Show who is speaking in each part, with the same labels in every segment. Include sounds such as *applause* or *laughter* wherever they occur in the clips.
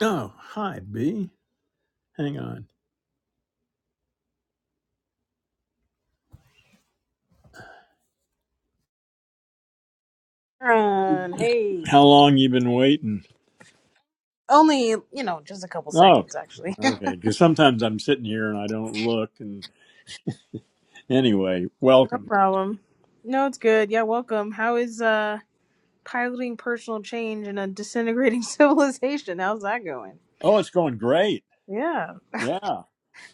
Speaker 1: Oh, hi, B. Hang on.
Speaker 2: Run, hey.
Speaker 1: How long you been waiting?
Speaker 2: Only, you know, just a couple
Speaker 1: Oh,
Speaker 2: seconds actually. *laughs*
Speaker 1: okay. Because sometimes I'm sitting here and I don't look. And anyway,
Speaker 2: No
Speaker 1: welcome.
Speaker 2: problem. No, it's good. Yeah, welcome. How is uh piloting personal change in a disintegrating *laughs* civilization? How's that going?
Speaker 1: Oh, it's going great.
Speaker 2: Yeah. *laughs*
Speaker 1: Yeah.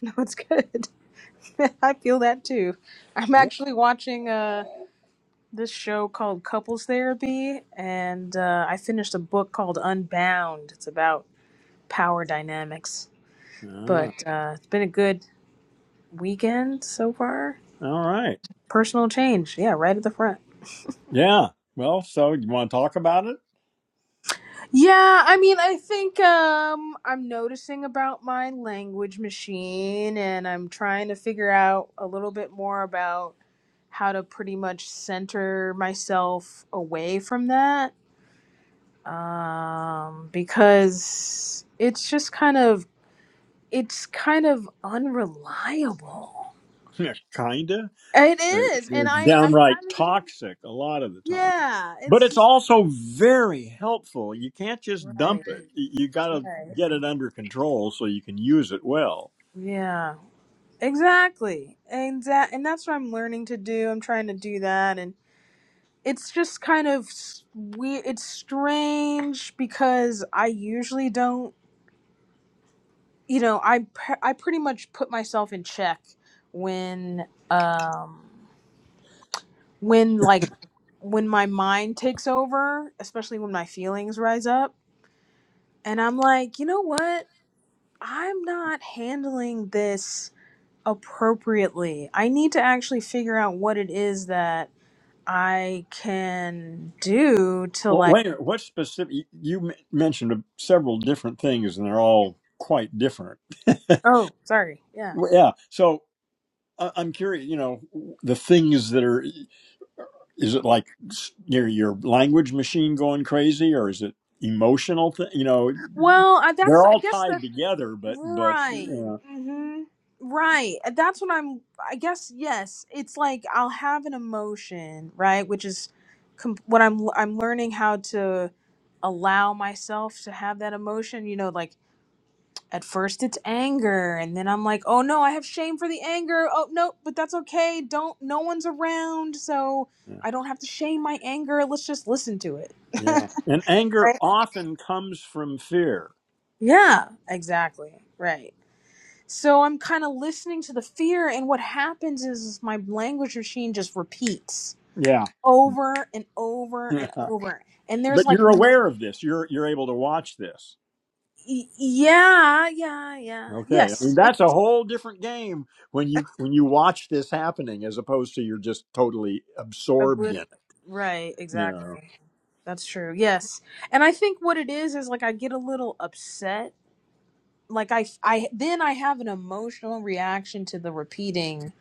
Speaker 2: No, it's good. *laughs* I feel that too. I'm
Speaker 1: Yeah.
Speaker 2: actually watching uh this show called Couples Therapy and uh I finished a book called Unbound. It's about power dynamics.
Speaker 1: Ah,
Speaker 2: But uh it's been a good weekend so far
Speaker 1: all right.
Speaker 2: Personal change. Yeah, right at the front.
Speaker 1: Yeah. Well, so you want to talk about it? *laughs*
Speaker 2: Yeah, I mean, I think um I'm noticing about my language machine and I'm trying to figure out a little bit more about how to pretty much center myself away from that. Um because it's just kind of it's kind of unreliable.
Speaker 1: Yeah, Kinda.
Speaker 2: It
Speaker 1: Uh,
Speaker 2: is. And
Speaker 1: It's
Speaker 2: I I'm
Speaker 1: downright
Speaker 2: having
Speaker 1: toxic a lot of the time,
Speaker 2: yeah,
Speaker 1: but it's
Speaker 2: it's
Speaker 1: also very helpful. You can't just dump
Speaker 2: right.
Speaker 1: it. Y- You got to
Speaker 2: Right.
Speaker 1: get it under control so you can use it well.
Speaker 2: Yeah. Exactly. And that, and that's what I'm learning to do. I'm trying to do that and it's just kind of weird. It's strange because I usually don't, you know, I pre- I pretty much put myself in check when um when like when my mind takes over, especially when my feelings rise up, and I'm like, "You know what? I'm not handling this appropriately. I need to actually figure out what it is that I can do to
Speaker 1: Well,
Speaker 2: like
Speaker 1: wait, a minute, what specific? You m- mentioned several different things, and they're all quite different. *laughs*
Speaker 2: oh sorry yeah
Speaker 1: Well, Yeah. So I- I'm curious, you know, the things that are, is it like s- your, your language machine going crazy or is it emotional? Th- you know,
Speaker 2: well I,
Speaker 1: they're
Speaker 2: that's I
Speaker 1: all
Speaker 2: guess
Speaker 1: tied
Speaker 2: that's
Speaker 1: together, but, but, you
Speaker 2: right
Speaker 1: know,
Speaker 2: mm-hmm. right And that's what I'm I guess yes it's like I'll have an emotion right which is com- what I'm I'm learning how to allow myself to have that emotion you know like at first it's anger and then i'm like oh no i have shame for the anger oh no but that's okay don't no one's around so
Speaker 1: yeah.
Speaker 2: i don't have to shame my anger let's just listen to it *laughs*
Speaker 1: Yeah.
Speaker 2: right
Speaker 1: And anger often comes from fear.
Speaker 2: yeah exactly right so i'm kind of listening to the fear and what happens is, is my language machine just repeats
Speaker 1: Yeah.
Speaker 2: over and
Speaker 1: *laughs*
Speaker 2: over and
Speaker 1: but
Speaker 2: over and there's like
Speaker 1: you're
Speaker 2: n-
Speaker 1: aware of this. You're, you're able to watch this.
Speaker 2: y- yeah yeah yeah
Speaker 1: Okay, I mean
Speaker 2: yes it
Speaker 1: that's a whole different game when you when you watch this happening as opposed to you're just totally absorbed
Speaker 2: obliv-
Speaker 1: in it.
Speaker 2: right
Speaker 1: You
Speaker 2: exactly That's true. Yes. And I think what it is is like I get a little upset. Like I I then I have an emotional reaction to the repeating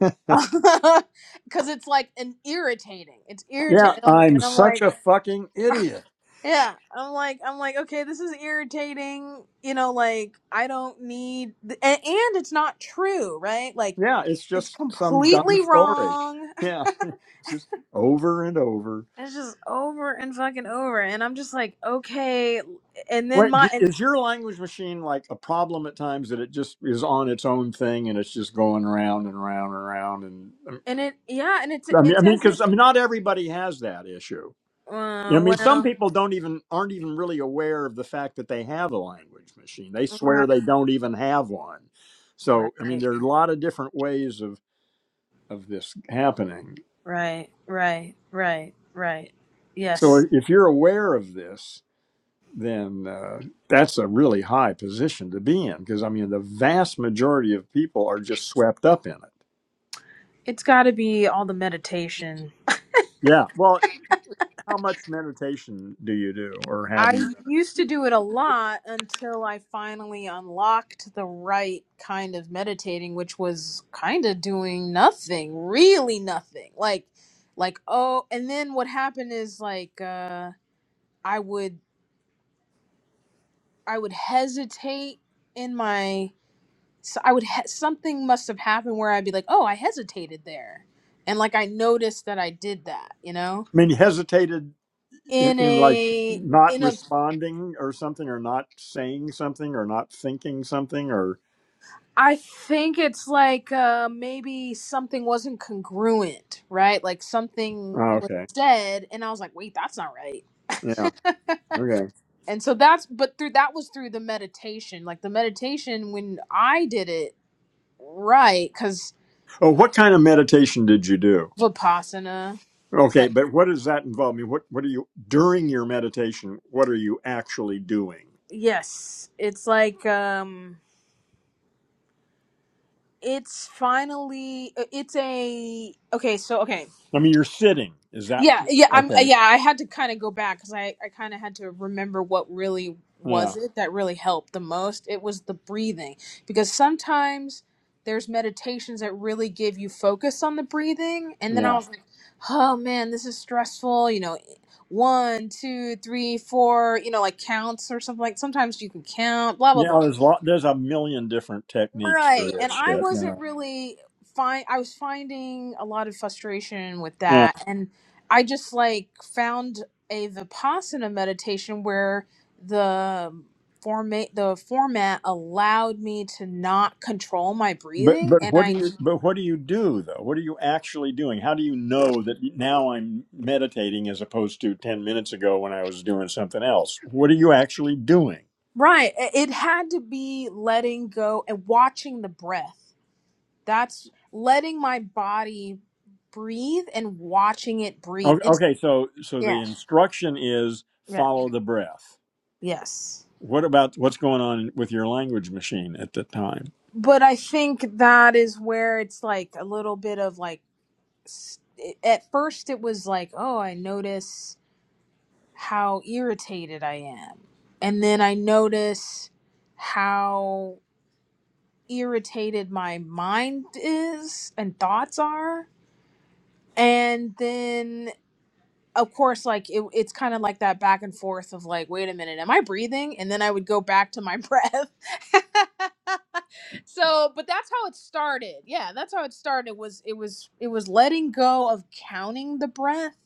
Speaker 1: know? *laughs*
Speaker 2: *laughs* cuz it's like an irritating. It's
Speaker 1: Yeah,
Speaker 2: irritating. And I'm,
Speaker 1: I'm
Speaker 2: and I'm
Speaker 1: such
Speaker 2: like,
Speaker 1: a fucking idiot.
Speaker 2: yeah, I'm like I'm like okay, this is irritating. You know, like I don't need th- and, and it's not true, right? Like
Speaker 1: Yeah, it's
Speaker 2: it's
Speaker 1: just some dumb
Speaker 2: completely
Speaker 1: story.
Speaker 2: wrong. *laughs*
Speaker 1: Yeah, *laughs* it's just over and over.
Speaker 2: It's just over and fucking over and I'm just like, okay, and then
Speaker 1: Wait,
Speaker 2: my
Speaker 1: d-
Speaker 2: and
Speaker 1: is your language machine like a problem at times that it just is on its own thing and it's just going round and round and round and
Speaker 2: And it, yeah, and it's
Speaker 1: I mean, I
Speaker 2: it's
Speaker 1: mean,
Speaker 2: as if,
Speaker 1: because I mean, not everybody has that issue. I
Speaker 2: uh,
Speaker 1: mean, some
Speaker 2: well,
Speaker 1: people don't even aren't even really aware of the fact that they have a language machine. They swear
Speaker 2: right,
Speaker 1: they don't even have one. So,
Speaker 2: right,
Speaker 1: I mean, there are a lot of different ways of of this happening.
Speaker 2: right, right, right, right.
Speaker 1: So,
Speaker 2: Yes,
Speaker 1: if you're aware of this, then uh, that's a really high position to be in because I mean, the vast majority of people are just swept up in it.
Speaker 2: it's got to be all the meditation.
Speaker 1: Yeah. Well, how much meditation do you do, or have you? done?
Speaker 2: I used to do it a lot until I finally unlocked the right kind of meditating, which was kind of doing nothing, really nothing. Like, like oh, and then what happened is like uh, I would I would hesitate in my so I would he- something must have happened where I'd be like, "Oh, I hesitated there." And like I noticed that I did that, you know?
Speaker 1: I mean, hesitated. in,
Speaker 2: In
Speaker 1: in like
Speaker 2: a
Speaker 1: not
Speaker 2: in a
Speaker 1: responding or something or not saying something or not thinking something or
Speaker 2: I think it's like uh maybe something wasn't congruent, right? Like something
Speaker 1: oh,
Speaker 2: was
Speaker 1: okay
Speaker 2: said and I was like, "Wait, that's not right."
Speaker 1: yeah okay
Speaker 2: And so that's but through that was through the meditation. Like the meditation when I did it right cuz
Speaker 1: oh what kind of meditation did you do
Speaker 2: vipassana
Speaker 1: okay
Speaker 2: like
Speaker 1: but what does that involve i mean what what are you during your meditation what are you actually doing
Speaker 2: yes, it's like um it's finally uh, it's a okay so okay
Speaker 1: i mean you're sitting is that
Speaker 2: yeah yeah i'm uh,
Speaker 1: okay
Speaker 2: yeah i had to kind of go back because i i kind of had to remember what really
Speaker 1: yeah
Speaker 2: was it that really helped the most it was the breathing because sometimes there's meditations that really give you focus on the breathing and then i
Speaker 1: yeah
Speaker 2: was like oh man this is stressful you know eh, one two three four you know like counts or something like sometimes you can count blah blah
Speaker 1: yeah
Speaker 2: blah
Speaker 1: there's lot there's a million different techniques for
Speaker 2: Right. And
Speaker 1: this
Speaker 2: I
Speaker 1: shit yeah
Speaker 2: wasn't really fine I was finding a lot of frustration with
Speaker 1: Yeah.
Speaker 2: that and I just like found a Vipassana meditation where the format the format allowed me to not control my
Speaker 1: But
Speaker 2: breathing
Speaker 1: but
Speaker 2: and
Speaker 1: what do
Speaker 2: I
Speaker 1: you but what do you do though? What are you actually doing? How do you know that now I'm meditating as opposed to ten minutes ago when I was doing something else? What are you actually doing?
Speaker 2: right it it had to be letting go and watching the breath. That's letting my body breathe and watching it breathe.
Speaker 1: O-
Speaker 2: It's,
Speaker 1: Okay, so so the
Speaker 2: yeah.
Speaker 1: instruction is
Speaker 2: Yeah.
Speaker 1: follow the breath.
Speaker 2: Yes.
Speaker 1: What about what's going on with your language machine at the time?
Speaker 2: but I think that is where it's like a little bit of like s- at first it was like, oh, I notice how irritated I am. And then I notice how irritated my mind is and thoughts are. And then of course like it, it's kind of like that back and forth of like wait a minute am i breathing and then i would go back to my *laughs* breath *laughs* so but that's how it started yeah that's how it started was it was it was letting go of counting the breath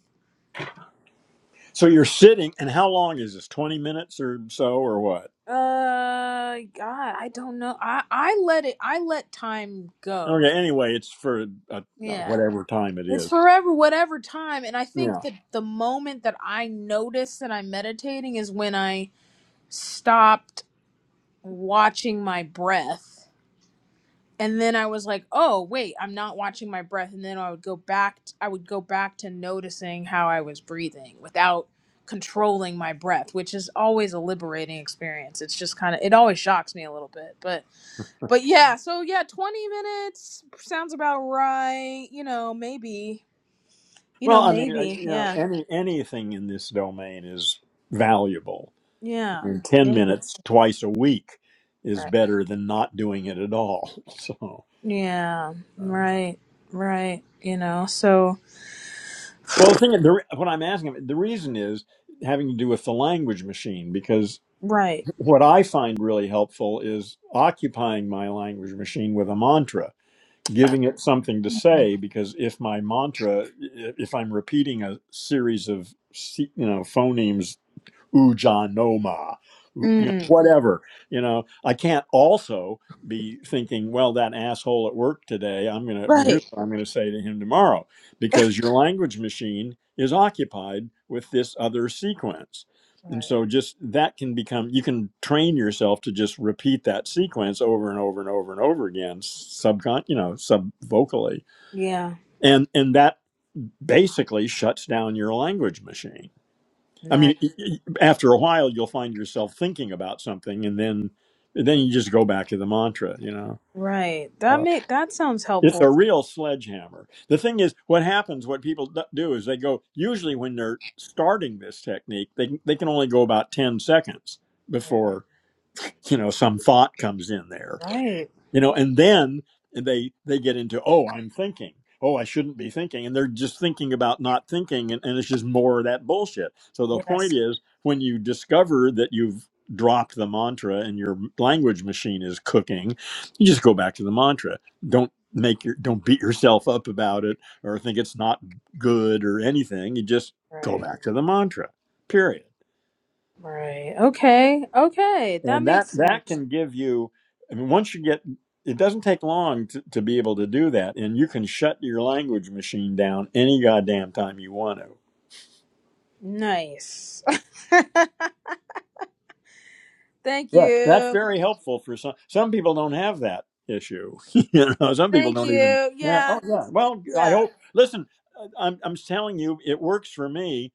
Speaker 1: So you're sitting, and how long is this? Twenty minutes or so, or what?
Speaker 2: uh god i don't know i i let it i let time go
Speaker 1: Okay. Anyway, it's for uh,
Speaker 2: yeah
Speaker 1: whatever time it
Speaker 2: it's
Speaker 1: is.
Speaker 2: forever whatever time and i think
Speaker 1: Yeah.
Speaker 2: that the moment that i notice that i'm meditating is when i stopped watching my breath and then I was like, "Oh, wait, I'm not watching my breath." And then I would go back t- I would go back to noticing how I was breathing without controlling my breath, which is always a liberating experience. It's just kind of it always shocks me a little bit. But but yeah, so yeah, 20 minutes sounds about right, you know, maybe. You
Speaker 1: Well,
Speaker 2: know,
Speaker 1: I mean, uh,
Speaker 2: maybe.
Speaker 1: you know,
Speaker 2: Yeah.
Speaker 1: any anything in this domain is valuable. I
Speaker 2: Yeah.
Speaker 1: mean, ten
Speaker 2: Maybe.
Speaker 1: minutes twice a week is
Speaker 2: Right.
Speaker 1: better than not doing it at all. *laughs* So,
Speaker 2: Yeah.
Speaker 1: um,
Speaker 2: Right. Right. You know. So
Speaker 1: well, the thing, the, re- what I'm asking, the reason is having to do with the language machine because
Speaker 2: right.
Speaker 1: what I find really helpful is occupying my language machine with a mantra, giving it something to say. Because if my mantra, i- if I'm repeating a series of se- you know phonemes ujanoma, you know,
Speaker 2: Mm.
Speaker 1: whatever. You know, I can't also be thinking, well, that asshole at work today, I'm gonna here's
Speaker 2: Right.
Speaker 1: what I'm gonna say to him tomorrow, because your language machine is occupied with this other sequence. And
Speaker 2: Right.
Speaker 1: so just that can become you can train yourself to just repeat that sequence over and over and over and over again, subcon you know, sub vocally.
Speaker 2: Yeah.
Speaker 1: And and that basically shuts down your language machine I
Speaker 2: Nice.
Speaker 1: mean, y- y- after a while, you'll find yourself thinking about something, and then then you just go back to the mantra. You know,
Speaker 2: Right. That
Speaker 1: Uh,
Speaker 2: make that sounds
Speaker 1: it's
Speaker 2: helpful.
Speaker 1: a real sledgehammer. The thing is, what happens? What people d- do is they go. Usually, when they're starting this technique, they they can only go about ten seconds before you know some thought comes in there
Speaker 2: Right.
Speaker 1: you know and then they they get into oh i'm thinking oh i shouldn't be thinking and they're just thinking about not thinking and, and it's just more of that bullshit so the
Speaker 2: Yes.
Speaker 1: point is when you discover that you've dropped the mantra and your language machine is cooking you just go back to the mantra don't make your don't beat yourself up about it or think it's not good or anything you just go
Speaker 2: Right.
Speaker 1: back to the mantra period
Speaker 2: Right. Okay. Okay. That
Speaker 1: and that
Speaker 2: makes
Speaker 1: that
Speaker 2: sense.
Speaker 1: can give you i mean once you get it doesn't take long to, to be able to do that and you can shut your language machine down any goddamn time you want to
Speaker 2: Nice. *laughs* Thank
Speaker 1: yeah that's
Speaker 2: you.
Speaker 1: very helpful for some some people don't have that issue *laughs* you know some people
Speaker 2: Thank
Speaker 1: don't even
Speaker 2: you.
Speaker 1: yeah
Speaker 2: Yeah.
Speaker 1: oh yeah
Speaker 2: 'cause it-
Speaker 1: well i
Speaker 2: yeah.
Speaker 1: hope listen i'm, I'm telling you it works for me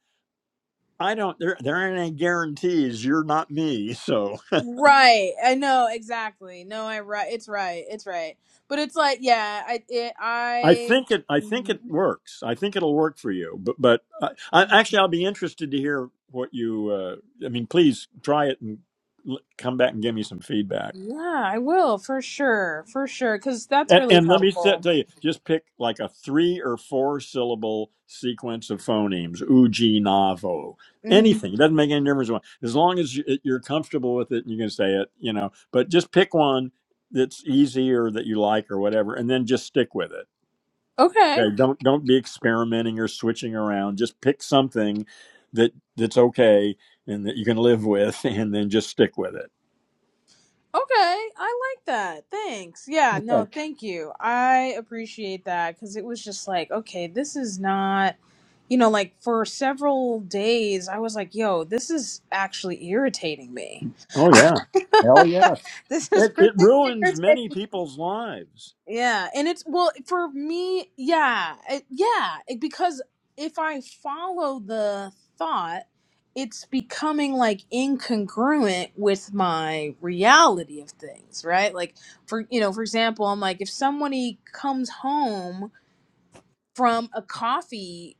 Speaker 1: i don't there, there aren't any guarantees you're not me *laughs* so.
Speaker 2: Right. I know exactly. No, I right. It's right. It's right. But it's like, yeah, I it
Speaker 1: I
Speaker 2: I
Speaker 1: think it. I think
Speaker 2: Mhm.
Speaker 1: it works. I think it'll work for you. But but I, I,
Speaker 2: Mhm.
Speaker 1: actually, I'll be interested to hear what you. Uh, I mean, please try it and l- come back and give me some feedback.
Speaker 2: Yeah, I will for sure. For sure cuz that's
Speaker 1: And,
Speaker 2: really
Speaker 1: and let me set,
Speaker 2: helpful.
Speaker 1: tell you, just pick like a three or four syllable sequence of phonemes. Uji navo.
Speaker 2: Mhm.
Speaker 1: Anything. It doesn't make any difference. One. As long as you- you're comfortable with it and you can say it, you know. But just pick one that's easy or that you like or whatever, and then just stick with it
Speaker 2: Okay.
Speaker 1: Okay, don't don't be experimenting or switching around. Just pick something that that's okay and that you can live with, *laughs* and then just stick with it.
Speaker 2: Okay, I like that. Thanks. Yeah, no,
Speaker 1: Okay.
Speaker 2: thank you. I appreciate that because it was just like, okay, this is not, you know, like for several days, I was like, yo, this is actually irritating me.
Speaker 1: Oh yeah, hell yeah!
Speaker 2: *laughs* this is
Speaker 1: It,
Speaker 2: really
Speaker 1: it
Speaker 2: *laughs*
Speaker 1: ruins
Speaker 2: irritating
Speaker 1: many people's lives.
Speaker 2: yeah, and it's well for me. Yeah, it, yeah, it- because if I follow the thought, it's becoming like incongruent with my reality of things, right? Like for you know, for example, I'm like if somebody comes home from a coffee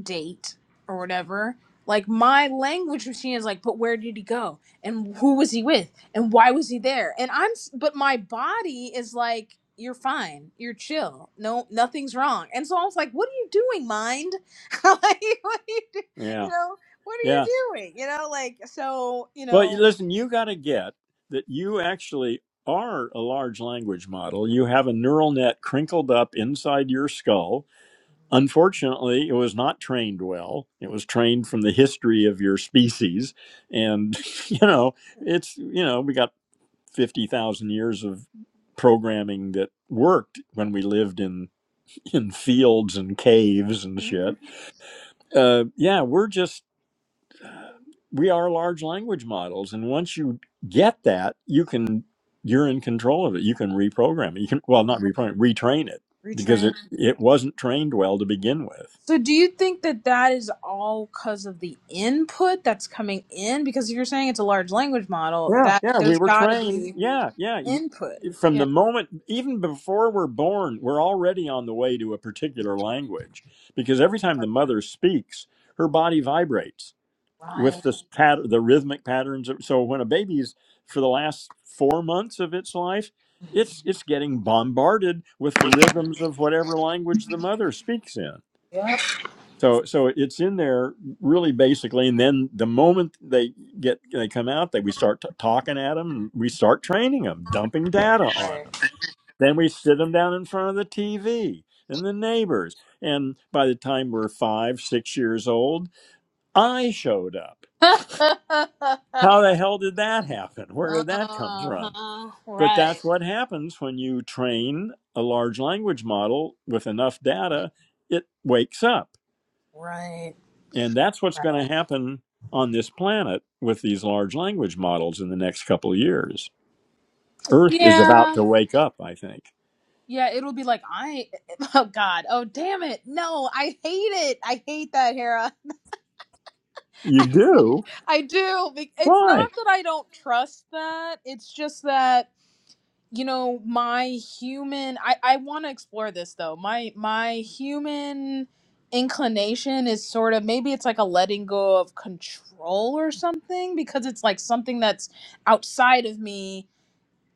Speaker 2: date or whatever, like my language machine is like, but where did he go? And who was he with? And why was he there? And I'm, s- but my body is like, you're fine. You're chill. No, nothing's wrong. And so I was like, what are you doing, mind? *laughs* like, what are you, do- you
Speaker 1: Yeah,
Speaker 2: know, what are you
Speaker 1: yeah.
Speaker 2: doing? You know, like, so, you
Speaker 1: But you-
Speaker 2: know,
Speaker 1: listen, you got to get that you actually are a large language model. You have a neural net crinkled up inside your skull Unfortunately, it was not trained well. It was trained from the history of your species. And, *laughs* you know, it's, you know, we got 50,000 years of programming that worked when we lived in, in fields and caves and
Speaker 2: Mhm.
Speaker 1: shit. Uh, yeah, we're just, we are large language models. And once you get that, you can, you're in control of it. You can reprogram it. You can, well, not reprogram, retrain it because it, it wasn't trained well to begin with
Speaker 2: So do you think that that is all because of the input that's coming in? Because if you're saying it's a large language model,
Speaker 1: Yeah,
Speaker 2: that
Speaker 1: yeah, we
Speaker 2: there's
Speaker 1: were
Speaker 2: got to
Speaker 1: trained.
Speaker 2: be
Speaker 1: Yeah, yeah. You,
Speaker 2: input.
Speaker 1: from
Speaker 2: Yeah.
Speaker 1: the moment, even before we're born, we're already on the way to a particular language because every time the mother speaks, her body vibrates
Speaker 2: Right,
Speaker 1: with this pat- the rhythmic patterns. of- So when a baby's for the last four months of its life, it's it's getting bombarded with the rhythms of whatever language the mother speaks in. So so it's in there really basically, and then the moment they get they come out, that we start t- talking at them, and we start training them, dumping data on them. Then we sit them down in front of the TV and the neighbors, and by the time we're five, six years old, I showed up.
Speaker 2: right. *laughs*
Speaker 1: How the hell did that happen? Where did that come from?
Speaker 2: uh-huh.
Speaker 1: But
Speaker 2: Right.
Speaker 1: that's what happens when you train a large language model with enough data; it wakes up
Speaker 2: Right,
Speaker 1: And that's what's going
Speaker 2: right.
Speaker 1: to happen on this planet with these large language models in the next couple of years. Earth is about
Speaker 2: Yeah.
Speaker 1: to wake up, I think.
Speaker 2: Yeah, it'll be like I *laughs* oh god. Oh damn it. No, I hate it. I hate that Hera.
Speaker 1: You do?
Speaker 2: *laughs* I do. Be- It's not
Speaker 1: Why?
Speaker 2: that I don't trust that. It's just that you know my human i i want to explore this though my my human inclination is sort of maybe it's like a letting go of control or something because it's like something that's outside of me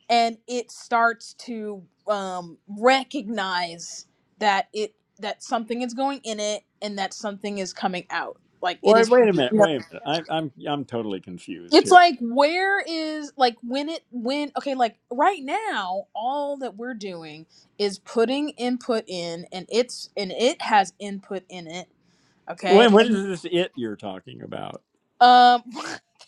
Speaker 2: and it starts to um recognize that it that something is going in it and that something is coming out like it
Speaker 1: Wait,
Speaker 2: is
Speaker 1: wait a
Speaker 2: produced
Speaker 1: minute. Wait a minute. I, I'm I'm totally confused
Speaker 2: it's
Speaker 1: here.
Speaker 2: like where is like when it when okay like right now all that we're doing is putting input in and it's and it has input in it okay
Speaker 1: Wait, what is
Speaker 2: and
Speaker 1: this it you're talking about?
Speaker 2: um *laughs*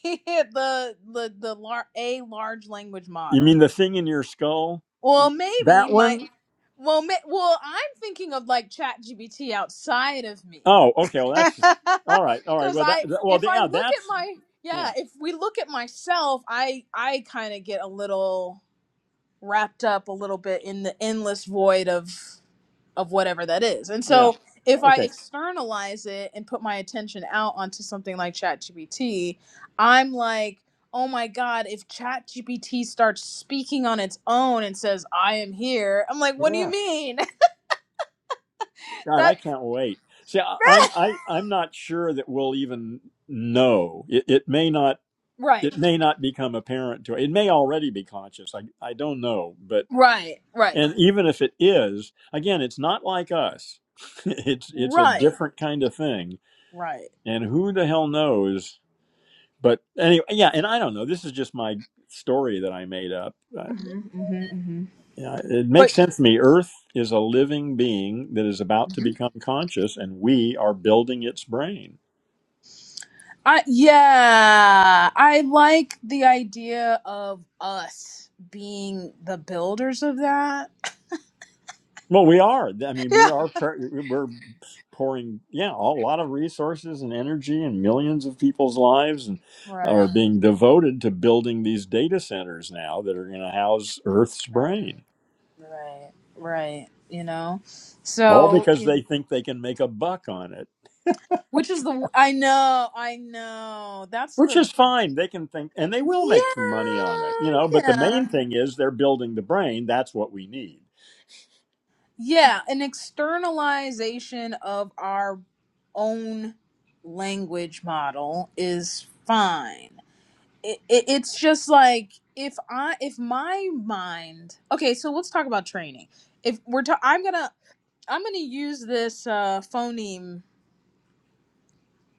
Speaker 2: the the the lar- a large language
Speaker 1: You
Speaker 2: model
Speaker 1: mean the thing in your skull?
Speaker 2: well
Speaker 1: Y-
Speaker 2: maybe
Speaker 1: That
Speaker 2: my
Speaker 1: one?
Speaker 2: well ma- well i'm thinking of like chat gbt outside of me
Speaker 1: Oh, okay. Well,
Speaker 2: *laughs*
Speaker 1: that's all right. All right.
Speaker 2: because
Speaker 1: Well, that
Speaker 2: i
Speaker 1: that- well,
Speaker 2: if i
Speaker 1: yeah,
Speaker 2: look at
Speaker 1: that's
Speaker 2: my yeah
Speaker 1: yeah,
Speaker 2: if we look at myself i i kind of get a little wrapped up a little bit in the endless void of of whatever that is. And
Speaker 1: yeah.
Speaker 2: so if I
Speaker 1: Okay.
Speaker 2: externalize it and put my attention out onto something like ChatGPT, I'm like, oh my God, if ChatGPT starts speaking on its own and says, I am here, I'm like, what do
Speaker 1: Yeah.
Speaker 2: you mean? *laughs*
Speaker 1: God,
Speaker 2: that
Speaker 1: I can't wait. See, I, I'm I I'm not sure that we'll even know. It, it may not.
Speaker 2: Right.
Speaker 1: It may not become apparent to. It may already be conscious. I I don't know. But
Speaker 2: Right. Right.
Speaker 1: and even if it is, again, it's not like us. *laughs* it's it's a
Speaker 2: Right.
Speaker 1: different kind of thing.
Speaker 2: Right.
Speaker 1: And who the hell knows? But anyway, yeah. And I don't know. This is just my story that I made up. Uh,
Speaker 2: hmm hmm hmm
Speaker 1: yeah, it makes
Speaker 2: But
Speaker 1: sense to me. Earth is a living being that is about to become conscious, and we are building its brain.
Speaker 2: I yeah, I like the idea of us being the builders of that.
Speaker 1: Well, we are. I mean,
Speaker 2: Yeah.
Speaker 1: we are. We're pouring, yeah, a lot of resources and energy, and millions of people's lives and are
Speaker 2: Right,
Speaker 1: being devoted to building these data centers now that are going to house Earth's
Speaker 2: right,
Speaker 1: brain.
Speaker 2: right, right. You know,
Speaker 1: All
Speaker 2: so
Speaker 1: because they
Speaker 2: you-
Speaker 1: think they can make a buck on it,
Speaker 2: which is the I know, I know. That's
Speaker 1: which
Speaker 2: the
Speaker 1: is fine. They can think, and they will make some money on it,
Speaker 2: yeah,
Speaker 1: you know. But the
Speaker 2: yeah,
Speaker 1: main thing is they're building the brain. That's what we need.
Speaker 2: yeah. An externalization of our own language model is fine. it, it, it's just like if i if my mind okay so let's talk about training if we're ta- i'm gonna i'm gonna use this uh phoneme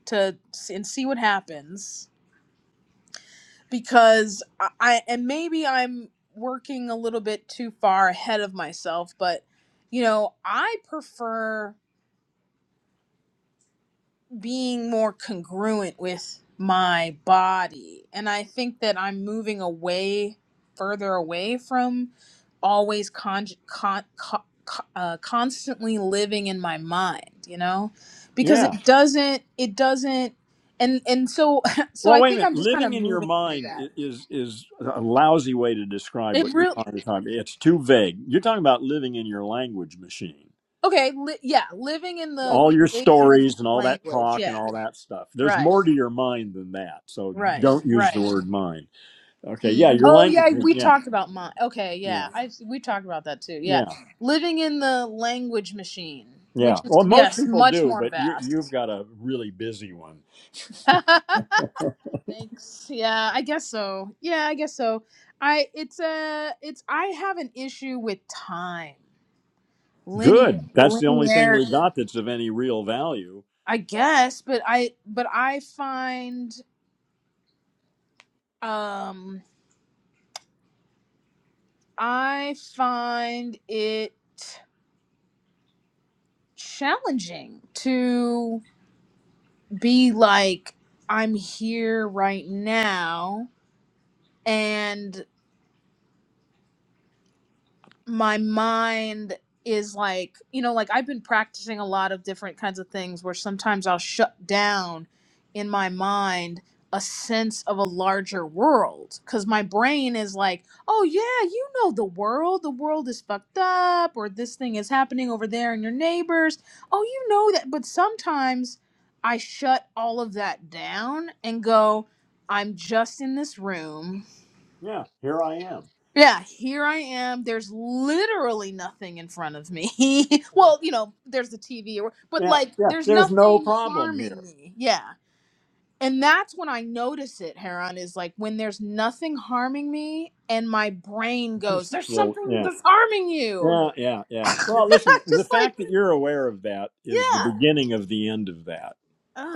Speaker 2: to and see what happens because i, I and maybe i'm working a little bit too far ahead of myself but you know i prefer being more congruent with my body. And I think that I'm moving away, further away from always con- con- co- co- uh, constantly living in my mind, you know, because
Speaker 1: Yeah.
Speaker 2: it doesn't, it doesn't, and and so *laughs* so
Speaker 1: Well,
Speaker 2: I
Speaker 1: wait a
Speaker 2: think I'm
Speaker 1: minute.
Speaker 2: just kind of
Speaker 1: Living in your
Speaker 2: moving through
Speaker 1: mind
Speaker 2: that.
Speaker 1: i- is is a lousy way to describe
Speaker 2: It
Speaker 1: what you're
Speaker 2: real
Speaker 1: trying to talk. It's too vague. You're talking about living in your language machine.
Speaker 2: okay, li- yeah, living in the
Speaker 1: All your
Speaker 2: creation of this
Speaker 1: stories and all that
Speaker 2: language,
Speaker 1: talk and
Speaker 2: yeah,
Speaker 1: all that stuff. There's
Speaker 2: right,
Speaker 1: more to your mind than that. So
Speaker 2: right,
Speaker 1: don't use the
Speaker 2: right.
Speaker 1: word mind. Okay.
Speaker 2: Mm.
Speaker 1: Yeah, your
Speaker 2: Oh
Speaker 1: language.
Speaker 2: yeah, we
Speaker 1: Yeah.
Speaker 2: talked about mine. Okay, yeah,
Speaker 1: Yeah.
Speaker 2: I we talked about that too. Yeah,
Speaker 1: Yeah.
Speaker 2: living in the language machine, which
Speaker 1: Yeah.
Speaker 2: is
Speaker 1: Well, most
Speaker 2: yes,
Speaker 1: people
Speaker 2: much
Speaker 1: do,
Speaker 2: more
Speaker 1: but you you've
Speaker 2: vast.
Speaker 1: got a really busy one.
Speaker 2: *laughs* Thanks. Yeah, I guess so. Yeah, I guess so. I it's a it's I have an issue with time, linear
Speaker 1: Good. That's the only thing we
Speaker 2: linearity.
Speaker 1: got that's of any real value.
Speaker 2: I guess, but I but I find um I find it challenging to be like, I'm here right now and my mind is like you know like i've been practicing a lot of different kinds of things where sometimes i'll shut down in my mind a sense of a larger world because my brain is like oh yeah you know the world the world is fucked up or this thing is happening over there and your neighbors oh you know that but sometimes i shut all of that down and go i'm just in this room
Speaker 1: Yeah. Here I am.
Speaker 2: yeah, here I am. There's literally nothing in front of me. *laughs* well, you know, there's the TV, or, but
Speaker 1: Yeah.
Speaker 2: like,
Speaker 1: Yeah.
Speaker 2: there's
Speaker 1: There's no
Speaker 2: nothing
Speaker 1: problem here.
Speaker 2: harming me. Yeah. And that's when I notice it, Heron, is like when there's nothing harming me and my brain goes, there's
Speaker 1: Still,
Speaker 2: something
Speaker 1: yeah,
Speaker 2: that's harming
Speaker 1: *laughs*
Speaker 2: you.
Speaker 1: yeah, yeah,
Speaker 2: *laughs*
Speaker 1: yeah.
Speaker 2: I'm
Speaker 1: Well, listen, the
Speaker 2: just like,
Speaker 1: fact that you're aware of that is the
Speaker 2: yeah.
Speaker 1: beginning of the end of that.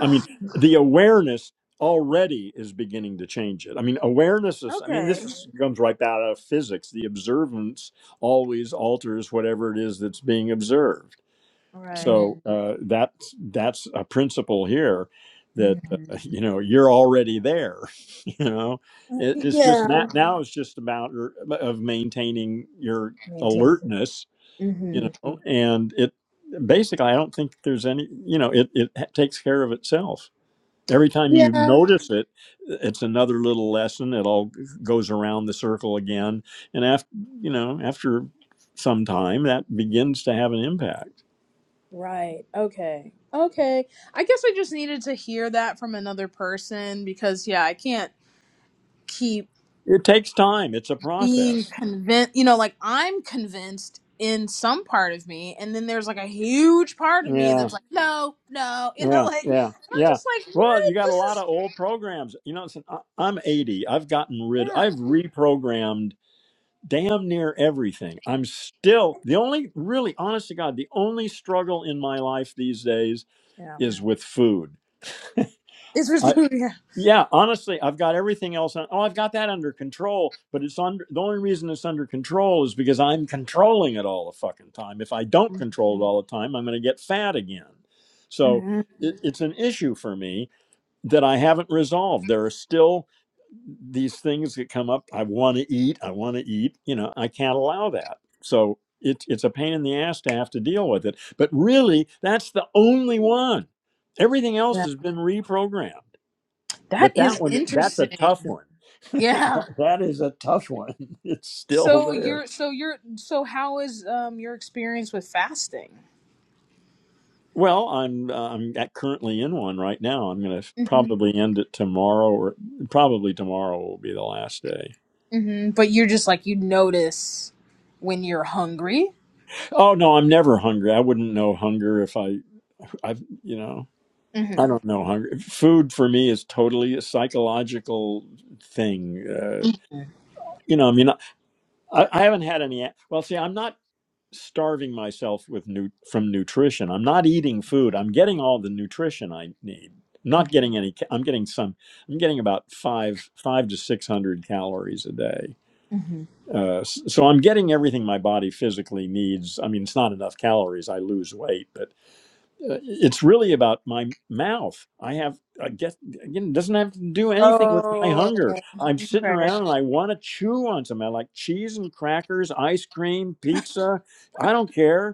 Speaker 1: I mean, the awareness already is beginning to change it. I mean, awareness is, I mean, this
Speaker 2: okay.
Speaker 1: is, comes right out of physics. The observance always alters whatever it is that's being observed.
Speaker 2: Right.
Speaker 1: So uh, that's that's a principle here that uh,
Speaker 2: Mhm.
Speaker 1: you know you're already there. *laughs* You know, it, it's just
Speaker 2: Yeah.
Speaker 1: not, now it's just a matter of maintaining your
Speaker 2: Maintain.
Speaker 1: alertness. You
Speaker 2: hmm
Speaker 1: know, and it basically I don't think there's any you know it it ha- takes care of itself. Every time you
Speaker 2: Yeah.
Speaker 1: notice it, it's another little lesson. It all goes around the circle again, and after you know after some time that begins to have an impact.
Speaker 2: Right. Okay. Okay. I guess I just needed to hear that from another person because, yeah, I can't keep
Speaker 1: It takes time. It's a
Speaker 2: being
Speaker 1: process.
Speaker 2: convinced. You know, like I'm convinced in some part of me, and then there's like a huge part of me
Speaker 1: Yeah,
Speaker 2: that's like, no, no, *laughs* you know,
Speaker 1: yeah,
Speaker 2: like,
Speaker 1: yeah,
Speaker 2: and I'm
Speaker 1: yeah.
Speaker 2: just like,
Speaker 1: Well, you
Speaker 2: what?
Speaker 1: got a
Speaker 2: This
Speaker 1: lot
Speaker 2: is,
Speaker 1: of old programs. You know, it's I- I'm 80. I've gotten rid.
Speaker 2: yeah.
Speaker 1: I've reprogrammed damn near everything. I'm still the only really, honest to God, the only struggle in my life these days
Speaker 2: Yeah.
Speaker 1: is with food.
Speaker 2: It's just, *laughs* yeah.
Speaker 1: Yeah, honestly, I've got everything else on. Oh, I've got that under control, but it's under the only reason it's under control is because I'm controlling it all the fucking time. If I don't control it all the time, I'm going to get fat again. So
Speaker 2: Mhm.
Speaker 1: it, it's an issue for me that I haven't resolved. There are still these things that come up. I want to eat. I want to eat. You know, I can't allow that. So it's it's a pain in the ass to have to deal with it. But really, that's the only one. Everything else
Speaker 2: yeah.
Speaker 1: has been reprogrammed.
Speaker 2: That
Speaker 1: But that
Speaker 2: is
Speaker 1: one, that's a
Speaker 2: interesting.
Speaker 1: tough one. *laughs*
Speaker 2: Yeah.
Speaker 1: that is a tough one. *laughs* It's still
Speaker 2: So
Speaker 1: there.
Speaker 2: you're, so you're, so how is um your experience with fasting?
Speaker 1: Well, I'm uh, I'm at- currently in one right now. I'm going to probably end it tomorrow, or probably tomorrow will be the last day.
Speaker 2: hmm But you're just like you notice when you're hungry.
Speaker 1: Oh no, I'm never hungry. I wouldn't know hunger if I I've you know
Speaker 2: hmm
Speaker 1: I don't know hunger. Food for me is totally a psychological thing. Uh, you know, I mean, I, I haven't had any. Well, see, I'm not. starving myself with nu- from nutrition. I'm not eating food. I'm getting all the nutrition I need. I'm Not getting any. ca- I'm getting some. I'm getting about five five to six hundred calories a day.
Speaker 2: hmm
Speaker 1: Uh, s- so I'm getting everything my body physically needs. I mean, it's not enough calories. I lose weight, but uh, it's really about my mouth. I have. I guess again, it doesn't have to do anything with my
Speaker 2: Oh,
Speaker 1: hunger. I'm sitting
Speaker 2: okay.
Speaker 1: around and I want to chew on something. I like cheese and crackers, ice cream, pizza. I don't care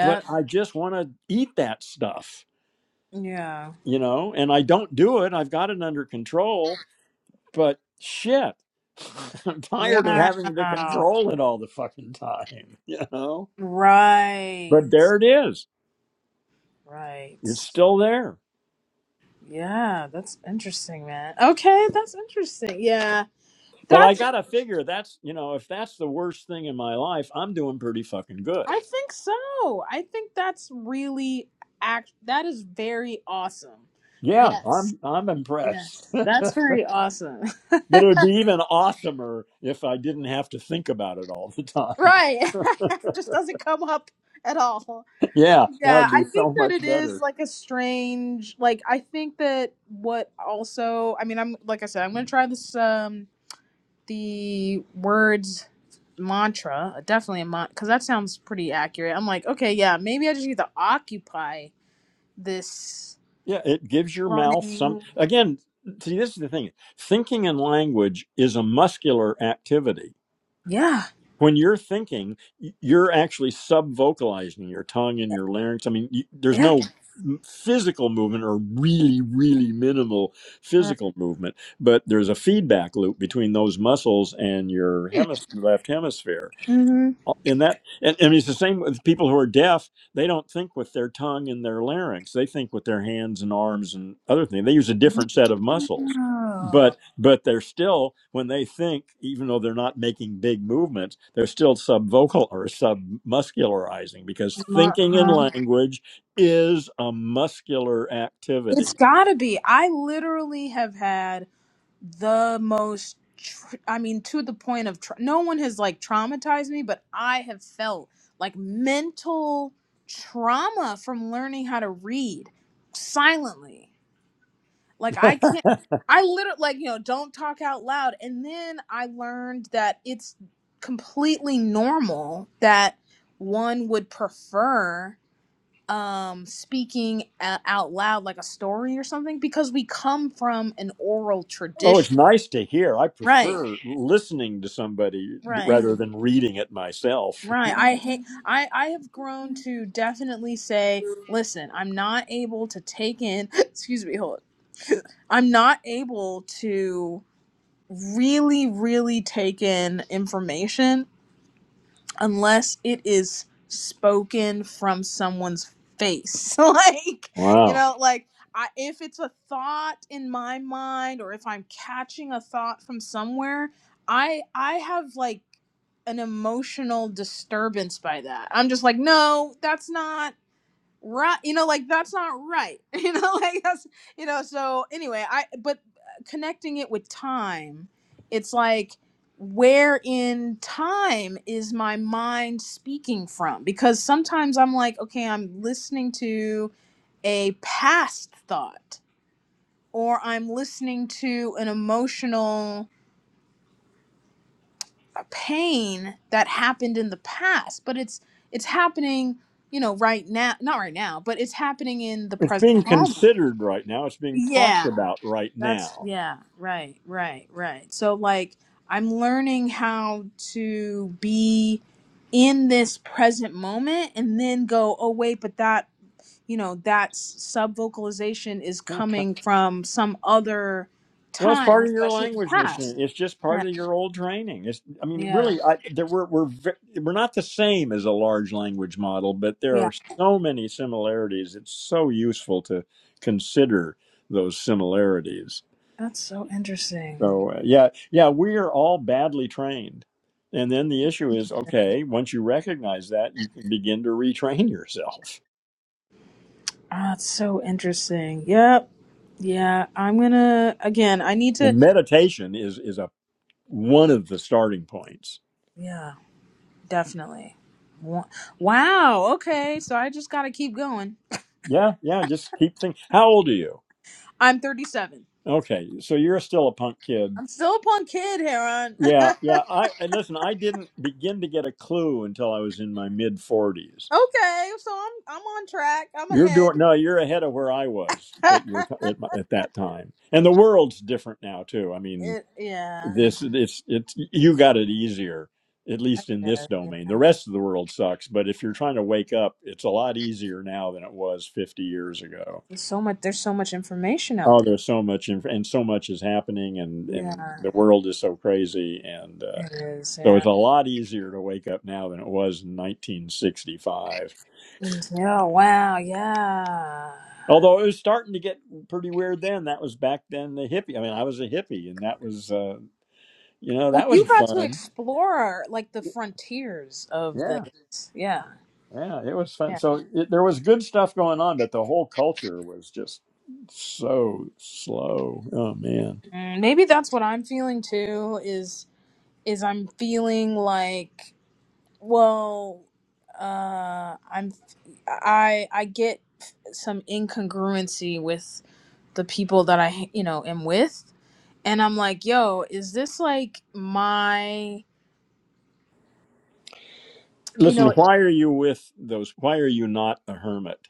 Speaker 1: but I just want to eat that stuff,
Speaker 2: Yeah.
Speaker 1: you know, and I don't do it. I've got it under control, but shit, *laughs* I'm tired of
Speaker 2: Wow.
Speaker 1: having to control it all the fucking time, *laughs* you know?
Speaker 2: Right.
Speaker 1: But there it is.
Speaker 2: Right.
Speaker 1: It's still there.
Speaker 2: Yeah, that's interesting, man. Okay, that's interesting. Yeah.
Speaker 1: But I
Speaker 2: That's
Speaker 1: got to figure that's, you know, if that's the worst thing in my life, I'm doing pretty fucking good.
Speaker 2: I think so. I think that's really act that is very awesome.
Speaker 1: Yeah,
Speaker 2: Yes.
Speaker 1: I'm I'm impressed. *laughs*
Speaker 2: Yes.
Speaker 1: but
Speaker 2: That's very awesome. *laughs*
Speaker 1: it would be even awesomer if I didn't have to think about it all the time.
Speaker 2: Right. *laughs* it just doesn't come up at all.
Speaker 1: *laughs* yeah, that
Speaker 2: Yeah,
Speaker 1: would
Speaker 2: I
Speaker 1: be
Speaker 2: think
Speaker 1: so
Speaker 2: that
Speaker 1: much
Speaker 2: it
Speaker 1: better.
Speaker 2: is like a strange like I think that what also I mean I'm like I said, I'm gonna try this um the words mantra, uh, definitely a mantra because that sounds pretty accurate. I'm like, okay, yeah, maybe I just need to occupy this
Speaker 1: Yeah, it gives your mouth some.
Speaker 2: running.
Speaker 1: Again, see, this is the thing thinking and language is a muscular activity.
Speaker 2: Yeah,
Speaker 1: When you're thinking, y- you're actually sub vocalizing your tongue and your larynx. I mean, you, there's
Speaker 2: yeah.
Speaker 1: no m- physical movement or really, really minimal
Speaker 2: Uh,
Speaker 1: physical movement, but there's a feedback loop between those muscles and your hemis- left hemisphere
Speaker 2: mm-hmm.
Speaker 1: in that and, and it's the same with people who are deaf they don't think with their tongue and their larynx they think with their hands and arms and other things they use a different set of muscles
Speaker 2: Oh,
Speaker 1: but but they're still when they think even though they're not making big movements they're still subvocal or submuscularizing because thinking in
Speaker 2: uh-huh.
Speaker 1: language is a muscular
Speaker 2: It's
Speaker 1: activity
Speaker 2: gotta be. I literally have had the most tr- i mean to the point of tra- no one has like traumatized me but i have felt like mental trauma from learning how to read silently like
Speaker 1: *laughs*
Speaker 2: i can't i literally like you know don't talk out loud and then i learned that it's completely normal that one would prefer um speaking a- out loud like a story or something because we come from an oral
Speaker 1: oh it's
Speaker 2: tradition
Speaker 1: nice to hear i
Speaker 2: right
Speaker 1: prefer listening to somebody
Speaker 2: Right.
Speaker 1: rather than reading it myself
Speaker 2: Right. I hate I I have grown to definitely say, listen, I'm not able to take in, *laughs* excuse me, hold. I'm not able to really really take in information unless it is spoken from someone's face *laughs* like you
Speaker 1: Wow.
Speaker 2: know like I, if it's a thought in my mind or if i'm catching a thought from somewhere i i have like an emotional disturbance by that i'm just like no that's not right you know like that's not right *laughs* you know like that's you know so anyway i but uh, connecting it with time it's like where in time is my mind speaking from because sometimes i'm like okay i'm listening to a past thought or i'm listening to an emotional uh, pain that happened in the past but it's it's happening you know right now not right now but it's happening in the
Speaker 1: It's being
Speaker 2: present moment
Speaker 1: considered right now. It's being talked
Speaker 2: Yeah,
Speaker 1: about right
Speaker 2: that's
Speaker 1: now.
Speaker 2: yeah, right, right, right. So like I'm learning how to be in this present moment and then go, "Oh wait, but that, you know, that sub vocalization is
Speaker 1: Huh.
Speaker 2: coming from some other
Speaker 1: Well, it's
Speaker 2: time,
Speaker 1: part of your
Speaker 2: especially the
Speaker 1: language machine.
Speaker 2: past."
Speaker 1: It's just
Speaker 2: Yeah.
Speaker 1: part of your old training. It's, I mean,
Speaker 2: Yeah.
Speaker 1: really, I, there, we're we're ve- we're not the same as a large language model, but there
Speaker 2: Yeah.
Speaker 1: are so many similarities. It's so useful to consider those similarities.
Speaker 2: That's so interesting.
Speaker 1: So, uh, yeah, yeah, we are all badly trained, and then the issue is, okay, once you recognize that, you can begin to retrain *laughs* yourself.
Speaker 2: Ah, that's so interesting. Yep. Yeah, I'm going to again, I need to
Speaker 1: And meditation is is a one of the starting points.
Speaker 2: yeah. Definitely. Wow. Okay. So I just gotta keep going.
Speaker 1: Yeah, yeah, just keep thinking. How old are you?
Speaker 2: I'm 37.
Speaker 1: Okay, so you're still a punk kid.
Speaker 2: I'm still a punk kid, Heron. *laughs*
Speaker 1: Yeah,
Speaker 2: okay.
Speaker 1: yeah. I and listen, I didn't begin to get a clue until I was in my mid 40s.
Speaker 2: So I'm I'm on track. I'm
Speaker 1: You're
Speaker 2: ahead.
Speaker 1: doing no, you're ahead of where I was
Speaker 2: *laughs*
Speaker 1: at your t- at, my, at that time. And the world's different now too. I mean,
Speaker 2: it, yeah.
Speaker 1: this it's it's you got it easier at least in
Speaker 2: yeah.
Speaker 1: this
Speaker 2: yeah.
Speaker 1: domain. The rest of the world sucks, but if you're trying to wake up, it's a lot easier now than it was 50 years ago.
Speaker 2: There's so much. There's so much information out
Speaker 1: Oh,
Speaker 2: there.
Speaker 1: there's so much inf- and so much is happening, and and
Speaker 2: Yeah.
Speaker 1: the world is so crazy, and uh,
Speaker 2: It is.
Speaker 1: so
Speaker 2: Yeah.
Speaker 1: it's a lot easier to wake up now than it was in 1965.
Speaker 2: Yeah. Wow. Yeah.
Speaker 1: Although it was starting to get pretty weird then. That was back then the hippie. I mean, I was a hippie, and that was uh, you know
Speaker 2: Well,
Speaker 1: that was
Speaker 2: you got to
Speaker 1: fun.
Speaker 2: explore like the frontiers of
Speaker 1: Yeah,
Speaker 2: this. Yeah.
Speaker 1: yeah, it was fun.
Speaker 2: Yeah.
Speaker 1: So it, there was good stuff going on, but the whole culture was just so slow. Oh man,
Speaker 2: Mm, Maybe that's what I'm feeling too. Is is I'm feeling like, well, uh, I'm I I get some incongruency with the people that I you know am with, and I'm like, yo, is this like my you
Speaker 1: listen,
Speaker 2: know
Speaker 1: why are you with those? Why are you not a hermit?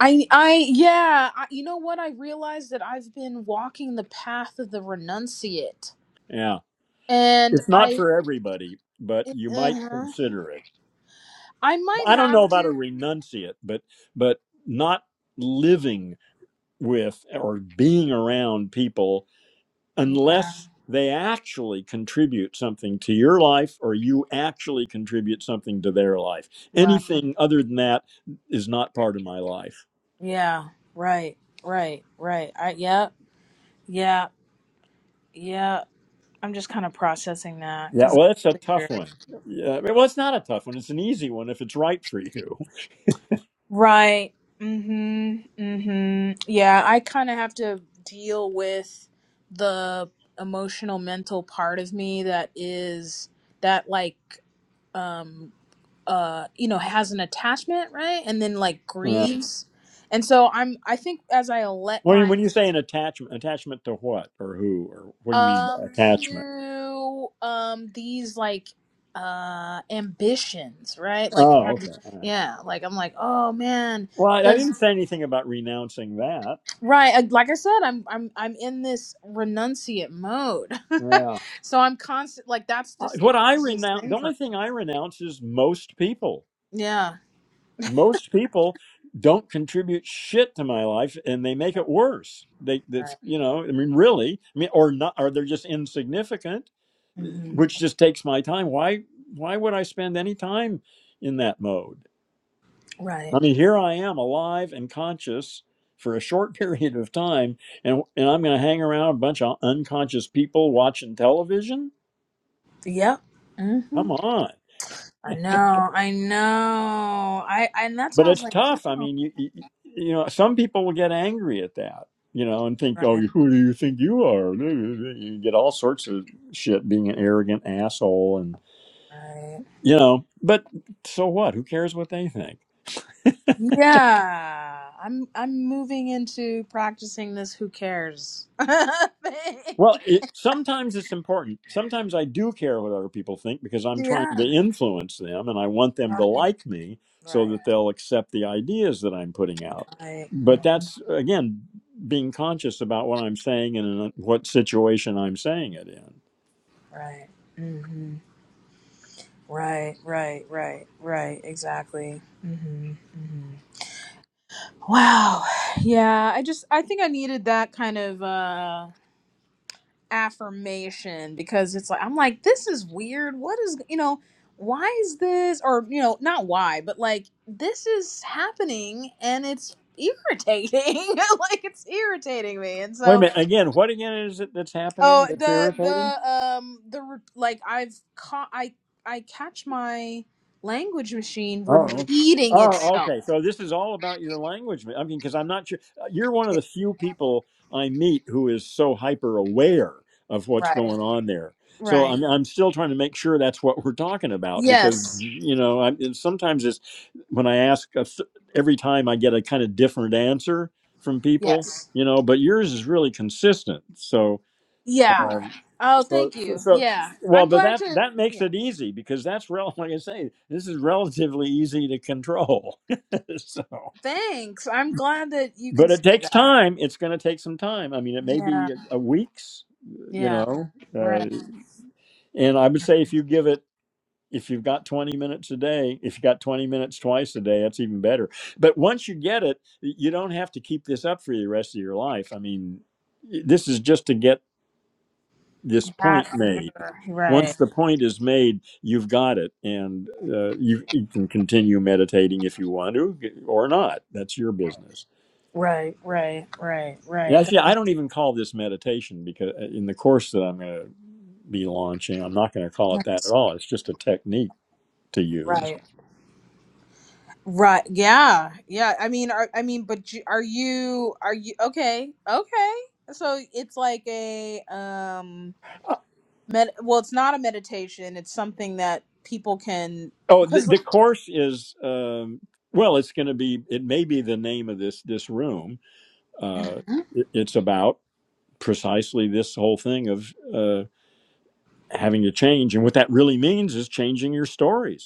Speaker 2: I I yeah I, you know what I realized that I've been walking the path of the renunciate,
Speaker 1: Yeah.
Speaker 2: and
Speaker 1: It's not
Speaker 2: I
Speaker 1: for everybody, but you might
Speaker 2: uh
Speaker 1: consider it.
Speaker 2: I might
Speaker 1: I don't know
Speaker 2: have
Speaker 1: about a
Speaker 2: to
Speaker 1: renunciate, but but not living with or being around people
Speaker 2: yeah
Speaker 1: unless they actually contribute something to your life or you actually contribute something to their life.
Speaker 2: right
Speaker 1: Anything other than that is not part of my life.
Speaker 2: yeah right right right I yeah Yeah, yeah. I'm just kind of processing that
Speaker 1: Yeah,
Speaker 2: because
Speaker 1: well, it's a tough one. Yeah, well, it's not a tough one. It's an easy one if it's right for you.
Speaker 2: right. Mhm. Mhm. Yeah, I kind of have to deal with the emotional mental part of me that is that like um uh you know has an attachment, right? And then like
Speaker 1: Yeah.
Speaker 2: grieves. And so I'm I think as I let
Speaker 1: When you,
Speaker 2: my
Speaker 1: when you say an attachment, attachment to what or who or what do you mean by
Speaker 2: um
Speaker 1: attachment?
Speaker 2: to um these like uh ambitions right like
Speaker 1: Oh,
Speaker 2: I'm just-
Speaker 1: okay.
Speaker 2: yeah like i'm like oh man
Speaker 1: Well, I, I
Speaker 2: does
Speaker 1: didn't say anything about renouncing that.
Speaker 2: right uh, like i said i'm i'm i'm in this renunciate mode
Speaker 1: Yeah.
Speaker 2: *laughs* so i'm constant like that's
Speaker 1: Uh,
Speaker 2: just the
Speaker 1: What I
Speaker 2: easiest
Speaker 1: renounce,
Speaker 2: thing
Speaker 1: the
Speaker 2: for
Speaker 1: only thing I renounce is most people.
Speaker 2: me yeah
Speaker 1: Most people don't contribute shit to my life, and they make it worse. They that's
Speaker 2: right
Speaker 1: you know, I mean, really, I mean, or not, or they're just insignificant, uh,
Speaker 2: hmm
Speaker 1: which just takes my time. Why why would I spend any time in that mode?
Speaker 2: right
Speaker 1: I mean, here I am alive and conscious for a short *laughs* period of time, and, and I'm going to hang around a bunch of unconscious people watching television?
Speaker 2: yep hmm
Speaker 1: Come on.
Speaker 2: i know i know i, I and that's how
Speaker 1: But
Speaker 2: i was
Speaker 1: it's
Speaker 2: like yeah
Speaker 1: tough. I mean, you, you, you know, some people will get angry at that, you know, and think, oh,
Speaker 2: right
Speaker 1: *laughs* who do you think you are? *laughs* You get all sorts of shit being an arrogant asshole and,
Speaker 2: right
Speaker 1: you know, but so what? Who cares what they think?
Speaker 2: Yeah, I'm I'm moving into practicing this who cares. *laughs* thing.
Speaker 1: Well, it, sometimes it's important. Sometimes I do care what other people think because I'm trying
Speaker 2: yeah.
Speaker 1: to influence them and I want them to
Speaker 2: Right,
Speaker 1: like me so
Speaker 2: right,
Speaker 1: that they'll accept the ideas that I'm putting out.
Speaker 2: right. mhm,
Speaker 1: But that's, again, being conscious about what I'm saying and in what situation I'm saying it in.
Speaker 2: Right. Mhm. Right, right, right, right. Exactly. Mhm. Mhm. Wow. Yeah, I just I think I needed that kind of uh affirmation because it's like I'm like this is weird. What is you know why is this or you know not why but like this is happening and it's irritating *laughs* like it's irritating me and
Speaker 1: Wait a
Speaker 2: so
Speaker 1: minute. Again, what again is it that's
Speaker 2: oh
Speaker 1: happening that's
Speaker 2: the
Speaker 1: irritating?
Speaker 2: the um the re- like I've caught I I catch my language machine
Speaker 1: Oh, okay.
Speaker 2: repeating
Speaker 1: oh,
Speaker 2: itself
Speaker 1: okay. So this is all about your language. I mean, because I'm not sure uh, you're one of the few people I meet who is so hyper aware of what's
Speaker 2: Right.
Speaker 1: going on there. So
Speaker 2: Right.
Speaker 1: I'm I'm still trying to make sure that's what we're talking about because
Speaker 2: yes
Speaker 1: you know I, and sometimes it's when I ask a th- every time I get a kind of different answer from people,
Speaker 2: yes
Speaker 1: you know. But yours is really consistent. So
Speaker 2: yeah oh thank you
Speaker 1: so,
Speaker 2: yeah
Speaker 1: well,
Speaker 2: I'm
Speaker 1: but
Speaker 2: glad
Speaker 1: that
Speaker 2: to.
Speaker 1: that makes it easy because that's real. *laughs* Like I say, this is relatively easy to control. *laughs* so,
Speaker 2: Thanks. I'm glad that you can
Speaker 1: but it
Speaker 2: say
Speaker 1: takes
Speaker 2: that.
Speaker 1: time. It's going to take some time. I mean, it may
Speaker 2: Yeah.
Speaker 1: be a, a weeks. You
Speaker 2: Yeah.
Speaker 1: know,
Speaker 2: Right.
Speaker 1: uh, and I would say if you give it, if you've got twenty minutes a day, if you got twenty minutes twice a day, that's even better. But once you get it, y- you don't have to keep this up for the rest of your life. I mean, this is just to get this point
Speaker 2: Hat under.
Speaker 1: made.
Speaker 2: Right.
Speaker 1: once the point is made, you've got it, and uh, you, you can continue meditating if you want to or not. That's your business.
Speaker 2: Right. Right. Right.
Speaker 1: And
Speaker 2: Right.
Speaker 1: actually, I don't even call this meditation because in the course that I'm going to be launching, I'm not going to call it that at
Speaker 2: That's
Speaker 1: all. It's just a technique to use.
Speaker 2: right. Right. Yeah. Yeah. I mean, are, I mean, but you- are you? Are you? Okay. Okay. So it's like a um. Med- well, it's not a meditation. It's something that people can
Speaker 1: Oh, the,
Speaker 2: because.
Speaker 1: the course is um, well, it's going to be. It may be the name of this this room. Uh,
Speaker 2: Mhm.
Speaker 1: it- it's about precisely this whole thing of uh, having to change, and what that really means is changing your stories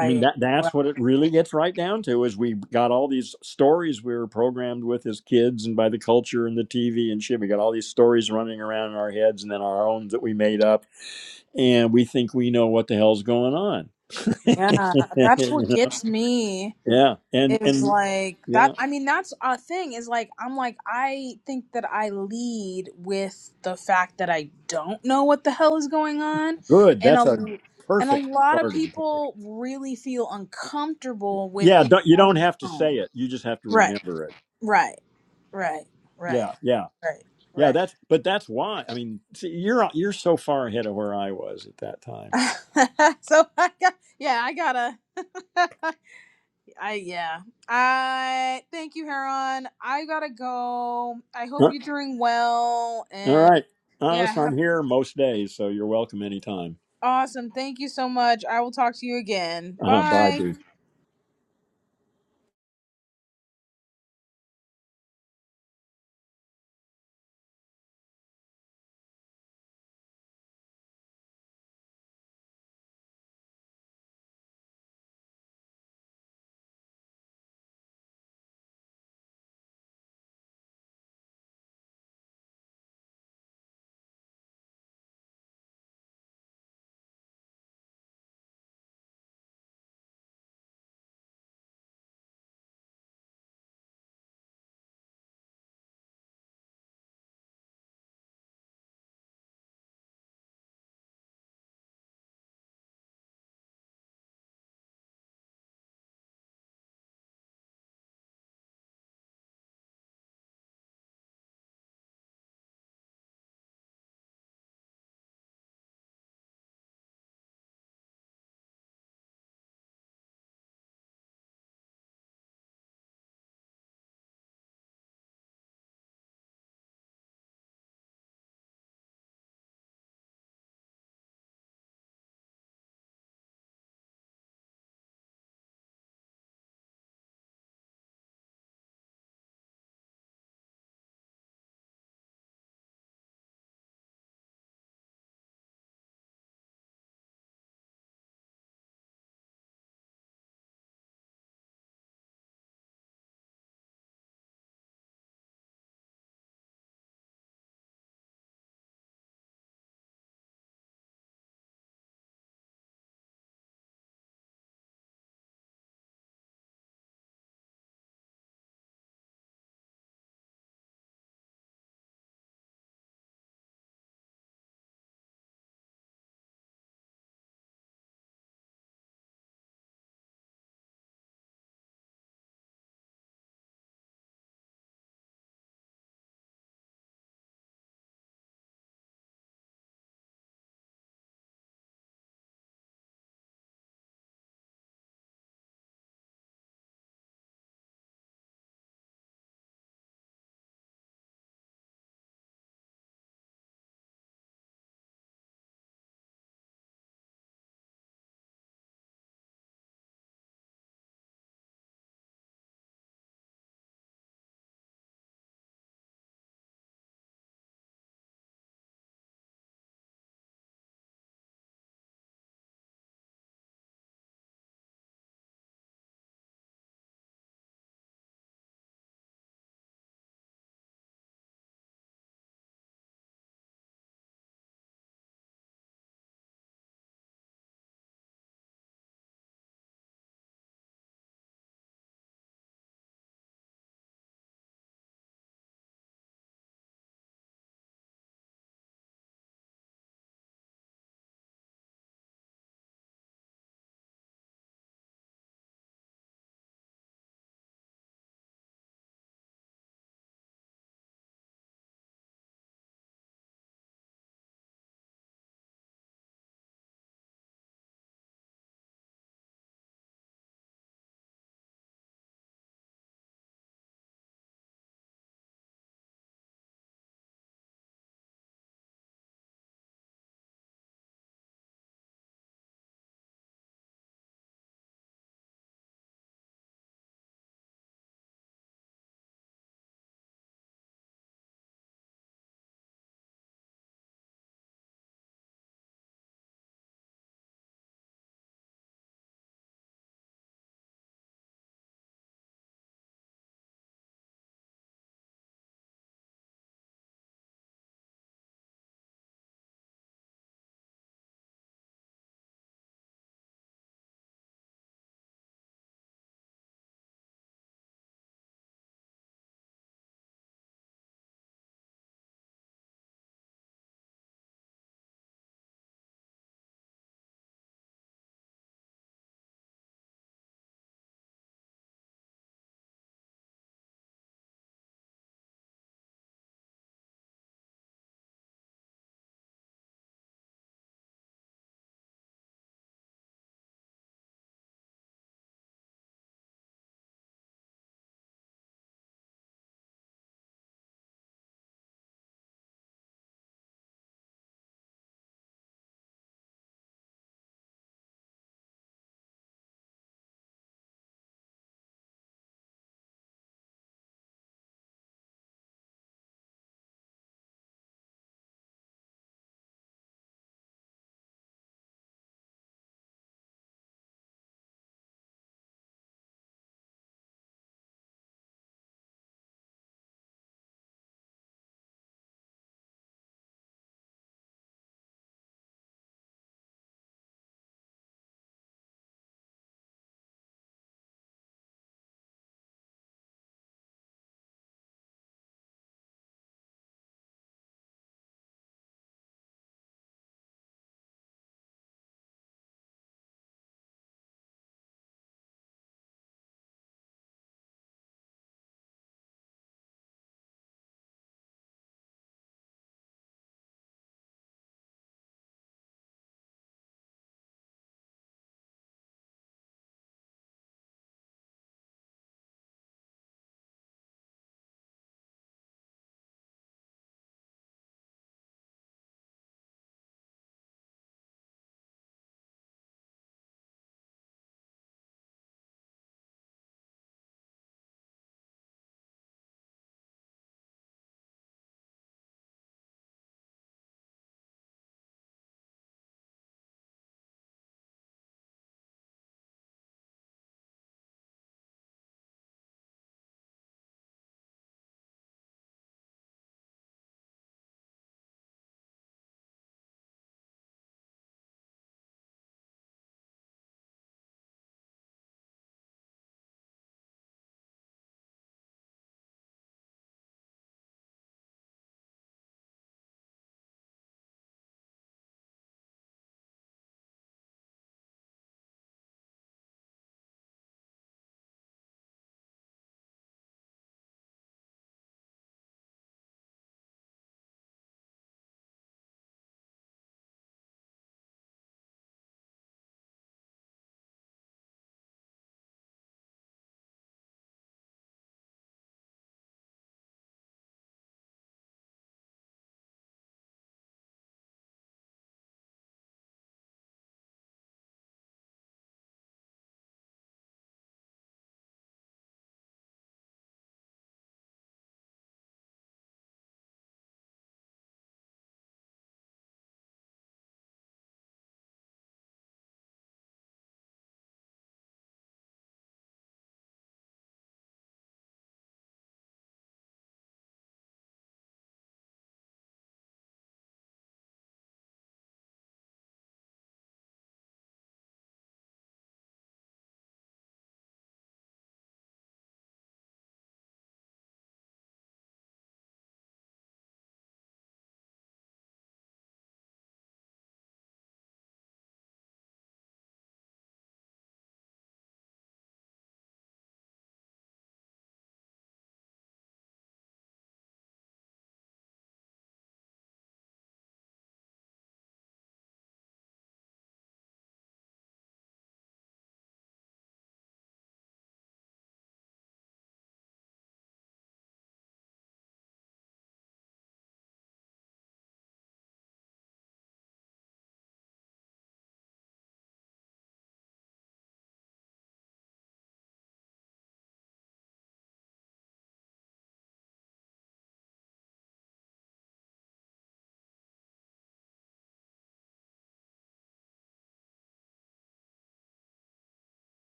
Speaker 1: I mean that
Speaker 2: Right.
Speaker 1: that's what it really gets right down to is we got all these stories we were programmed with as kids and by the culture and the TV and shit. We got all these stories running around in our heads and then our own that we made up and we think we know what the hell's going on. *laughs*
Speaker 2: Yeah. That's
Speaker 1: you
Speaker 2: what
Speaker 1: know?
Speaker 2: gets me.
Speaker 1: Yeah. And
Speaker 2: is
Speaker 1: and
Speaker 2: like
Speaker 1: yeah.
Speaker 2: that i mean that's a thing is like i'm like i think that i lead with the fact that i don't know what the hell is going on
Speaker 1: Good.
Speaker 2: and a
Speaker 1: That's a
Speaker 2: and a
Speaker 1: perfect
Speaker 2: lot of
Speaker 1: starting point.
Speaker 2: people really feel uncomfortable with
Speaker 1: Yeah,
Speaker 2: the
Speaker 1: don't, you don't have to say
Speaker 2: unknown
Speaker 1: it. You just have to
Speaker 2: right
Speaker 1: remember it.
Speaker 2: right right right
Speaker 1: Yeah, yeah.
Speaker 2: right
Speaker 1: Yeah,
Speaker 2: right
Speaker 1: that's but that's why. I mean, see, you're you're so far ahead of where I was at that time.
Speaker 2: *laughs* so i got yeah i gotta *laughs* I yeah. I thank you, Heron. I gotta go. I hope you're doing well
Speaker 1: All
Speaker 2: and
Speaker 1: right. Uh,
Speaker 2: yeah,
Speaker 1: listen,
Speaker 2: have
Speaker 1: I'm here most days, so you're welcome anytime.
Speaker 2: awesome. Thank you so much. I will talk to you again.
Speaker 1: Uh, bye,
Speaker 2: Bye.
Speaker 1: D.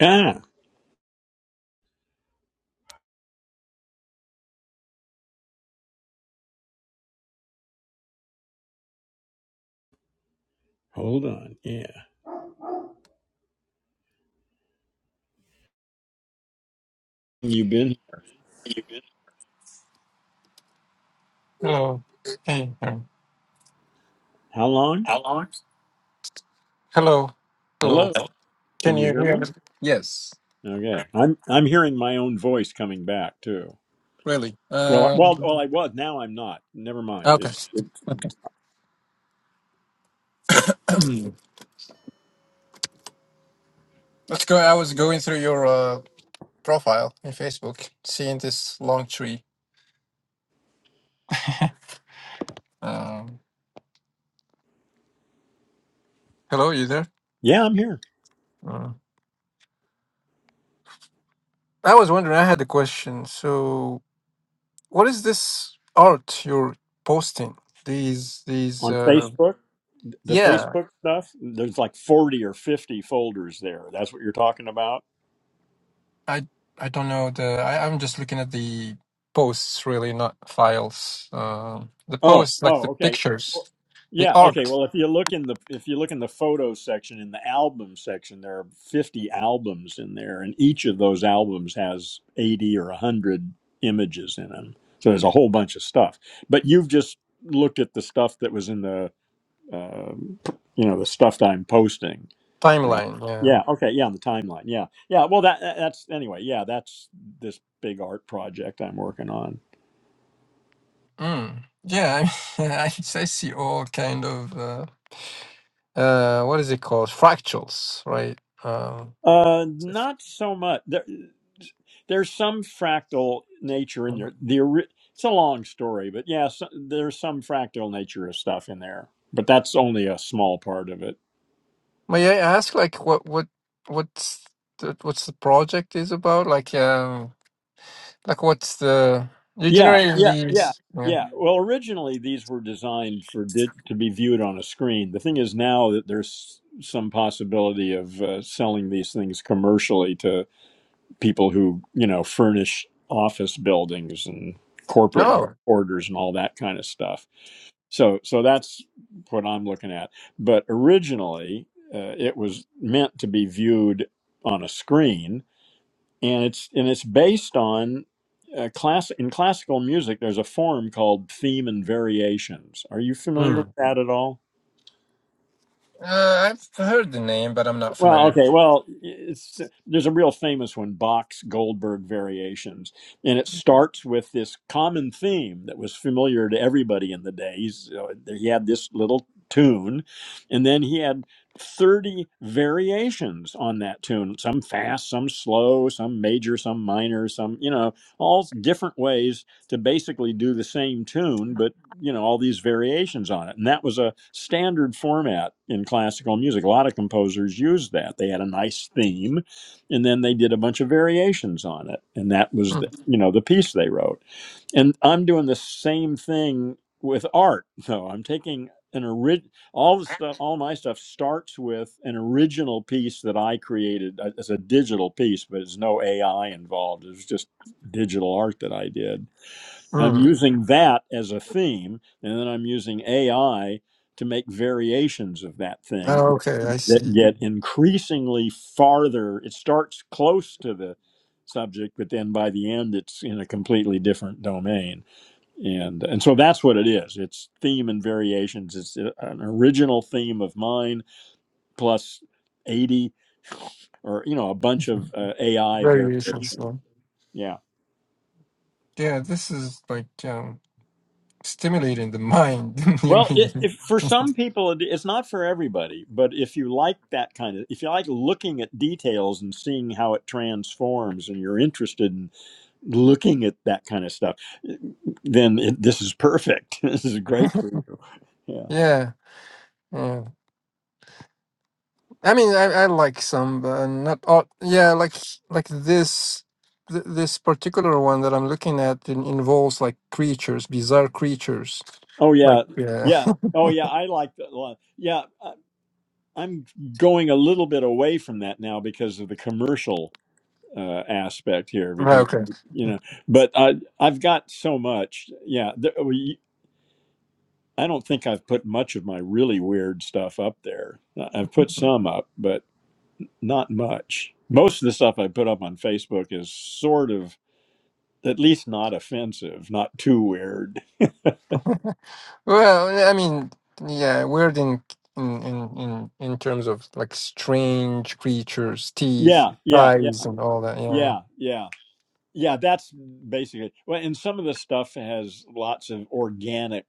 Speaker 1: Ah, hold on. Yeah. You've been
Speaker 3: You good? Hello. Hey, um,
Speaker 1: how long?
Speaker 3: How long? hello. Hello.
Speaker 1: Hello.
Speaker 3: Hello?
Speaker 1: Can
Speaker 3: Can
Speaker 1: you
Speaker 3: you
Speaker 1: hear
Speaker 3: hear
Speaker 1: me?
Speaker 3: me? Yes. Okay.
Speaker 1: Okay. I'm I'm hearing my own voice coming back too.
Speaker 3: Really?
Speaker 1: Well,
Speaker 3: Um,
Speaker 1: well, well, I was. Now I'm not. Never mind.
Speaker 3: okay.
Speaker 1: It, it,
Speaker 3: Okay. *clears throat* Let's go. I was going through your uh, profile in Facebook, seeing this long tree. Um, hello, you there?
Speaker 1: yeah, I'm here
Speaker 3: Uh, I was wondering, I had a question. So, what is this art you're posting? These, these,
Speaker 1: on
Speaker 3: uh,
Speaker 1: Facebook. The
Speaker 3: yeah.
Speaker 1: Facebook stuff. There's like 40 or 50 folders there. That's what you're talking about.
Speaker 3: I I don't know the I, I'm just looking at the posts really, not files. Um the
Speaker 1: Oh,
Speaker 3: posts like
Speaker 1: oh,
Speaker 3: the
Speaker 1: okay. Well,
Speaker 3: pictures, the
Speaker 1: Yeah, okay.
Speaker 3: art
Speaker 1: Well, if you look in the if you look in the photo section in the album section, there are 50 albums in there and each of those albums has 80 or 100 images in them. So there's a whole bunch of stuff. But you've just looked at the stuff that was in the uh, you know, the stuff that I'm posting, right?
Speaker 3: timeline. Yeah.
Speaker 1: Yeah, okay. Yeah, on the timeline. Yeah. Yeah, well that that's anyway. Yeah, that's this big art project I'm working on.
Speaker 3: Mm. Yeah. I, *laughs* I I see all kind of uh, uh what is it called fractals, right? Um,
Speaker 1: Uh, not so much. There, there's some fractal nature in there. The ori- it's a long story, but yeah, so, there's some fractal nature of stuff in there, but that's only a small part of it.
Speaker 3: may I ask like what what what's the, what's the project is about? Like um like what's the you
Speaker 1: Yeah,
Speaker 3: generating
Speaker 1: yeah, yeah,
Speaker 3: these? Yeah.
Speaker 1: yeah. Well, originally these were designed for di- to be viewed on a screen. The thing is now that there's some possibility of uh, selling these things commercially to people who you know furnish office buildings and corporate
Speaker 3: Oh.
Speaker 1: headquarters and all that kind of stuff. So, so that's what I'm looking at. But originally, uh, it was meant to be viewed on a screen, and it's and it's based on uh, class in classical music. There's a form called theme and variations. Are you familiar with that at all?
Speaker 3: Uh, I've heard the name, but I'm not
Speaker 1: Well,
Speaker 3: familiar.
Speaker 1: okay. Well, it's, there's a real famous one, Bach's Goldberg Variations, and it starts with this common theme that was familiar to everybody in the days. Uh, He had this little tune, and then he had 30 variations on that tune some fast, some slow, some major, some minor, some, you know, all different ways to basically do the same tune, but you know all these variations on it and that was a standard format in classical music a lot of composers used that they had a nice theme and then they did a bunch of variations on it and that was the,
Speaker 3: Mm,
Speaker 1: you know the piece they wrote and i'm doing the same thing with art though i'm taking an orig- all the stuff all my stuff starts with an original piece that i created uh, as a digital piece but there's no ai involved it's just digital art that i did I'm
Speaker 3: mm.
Speaker 1: using that as a theme, and then I'm using AI to make variations of that
Speaker 3: Oh,
Speaker 1: thing
Speaker 3: okay, I
Speaker 1: that
Speaker 3: see.
Speaker 1: get increasingly farther. It starts close to the subject, but then by the end, it's in a completely different domain. And and so that's what it is. It's theme and variations. It's a- an original theme of mine plus eighty or you know a bunch
Speaker 3: *laughs*
Speaker 1: of uh, AI
Speaker 3: Variations,
Speaker 1: variations.
Speaker 3: though.
Speaker 1: Yeah.
Speaker 3: Yeah, this is like um, stimulating the mind. *laughs* You
Speaker 1: Well, it,
Speaker 3: mean-
Speaker 1: if for
Speaker 3: *laughs*
Speaker 1: some people, it, it's not for everybody, but if you like that kind of, if you like looking at details and seeing how it transforms and you're interested in looking at that kind of stuff, then it, this is perfect. *laughs* This is great for you. Yeah.
Speaker 3: yeah, yeah. I mean, I, I like some, but not all. Yeah, like like this th- this particular one that I'm looking at in, involves like creatures, bizarre creatures.
Speaker 1: Oh,
Speaker 3: Like
Speaker 1: yeah.
Speaker 3: yeah,
Speaker 1: Yeah.
Speaker 3: *laughs*
Speaker 1: Oh, yeah. I like that a lot. Yeah. I, I'm going a little bit away from that now because of the commercial uh, aspect here,
Speaker 3: Right,
Speaker 1: because,
Speaker 3: okay.
Speaker 1: you know, but I, I've got so much. Yeah. There, I don't think I've put much of my really weird stuff up there. I- have put some up, but not much. Most of the stuff I put up on Facebook is sort of at least not offensive, not too weird.
Speaker 3: Well, I mean, yeah, weird in in in in in terms of like strange creatures, teeth,
Speaker 1: Yeah, yeah, yeah,
Speaker 3: eyes, and all that. Yeah,
Speaker 1: yeah, yeah. Yeah, that's basically. Well, and some of the stuff has lots of organic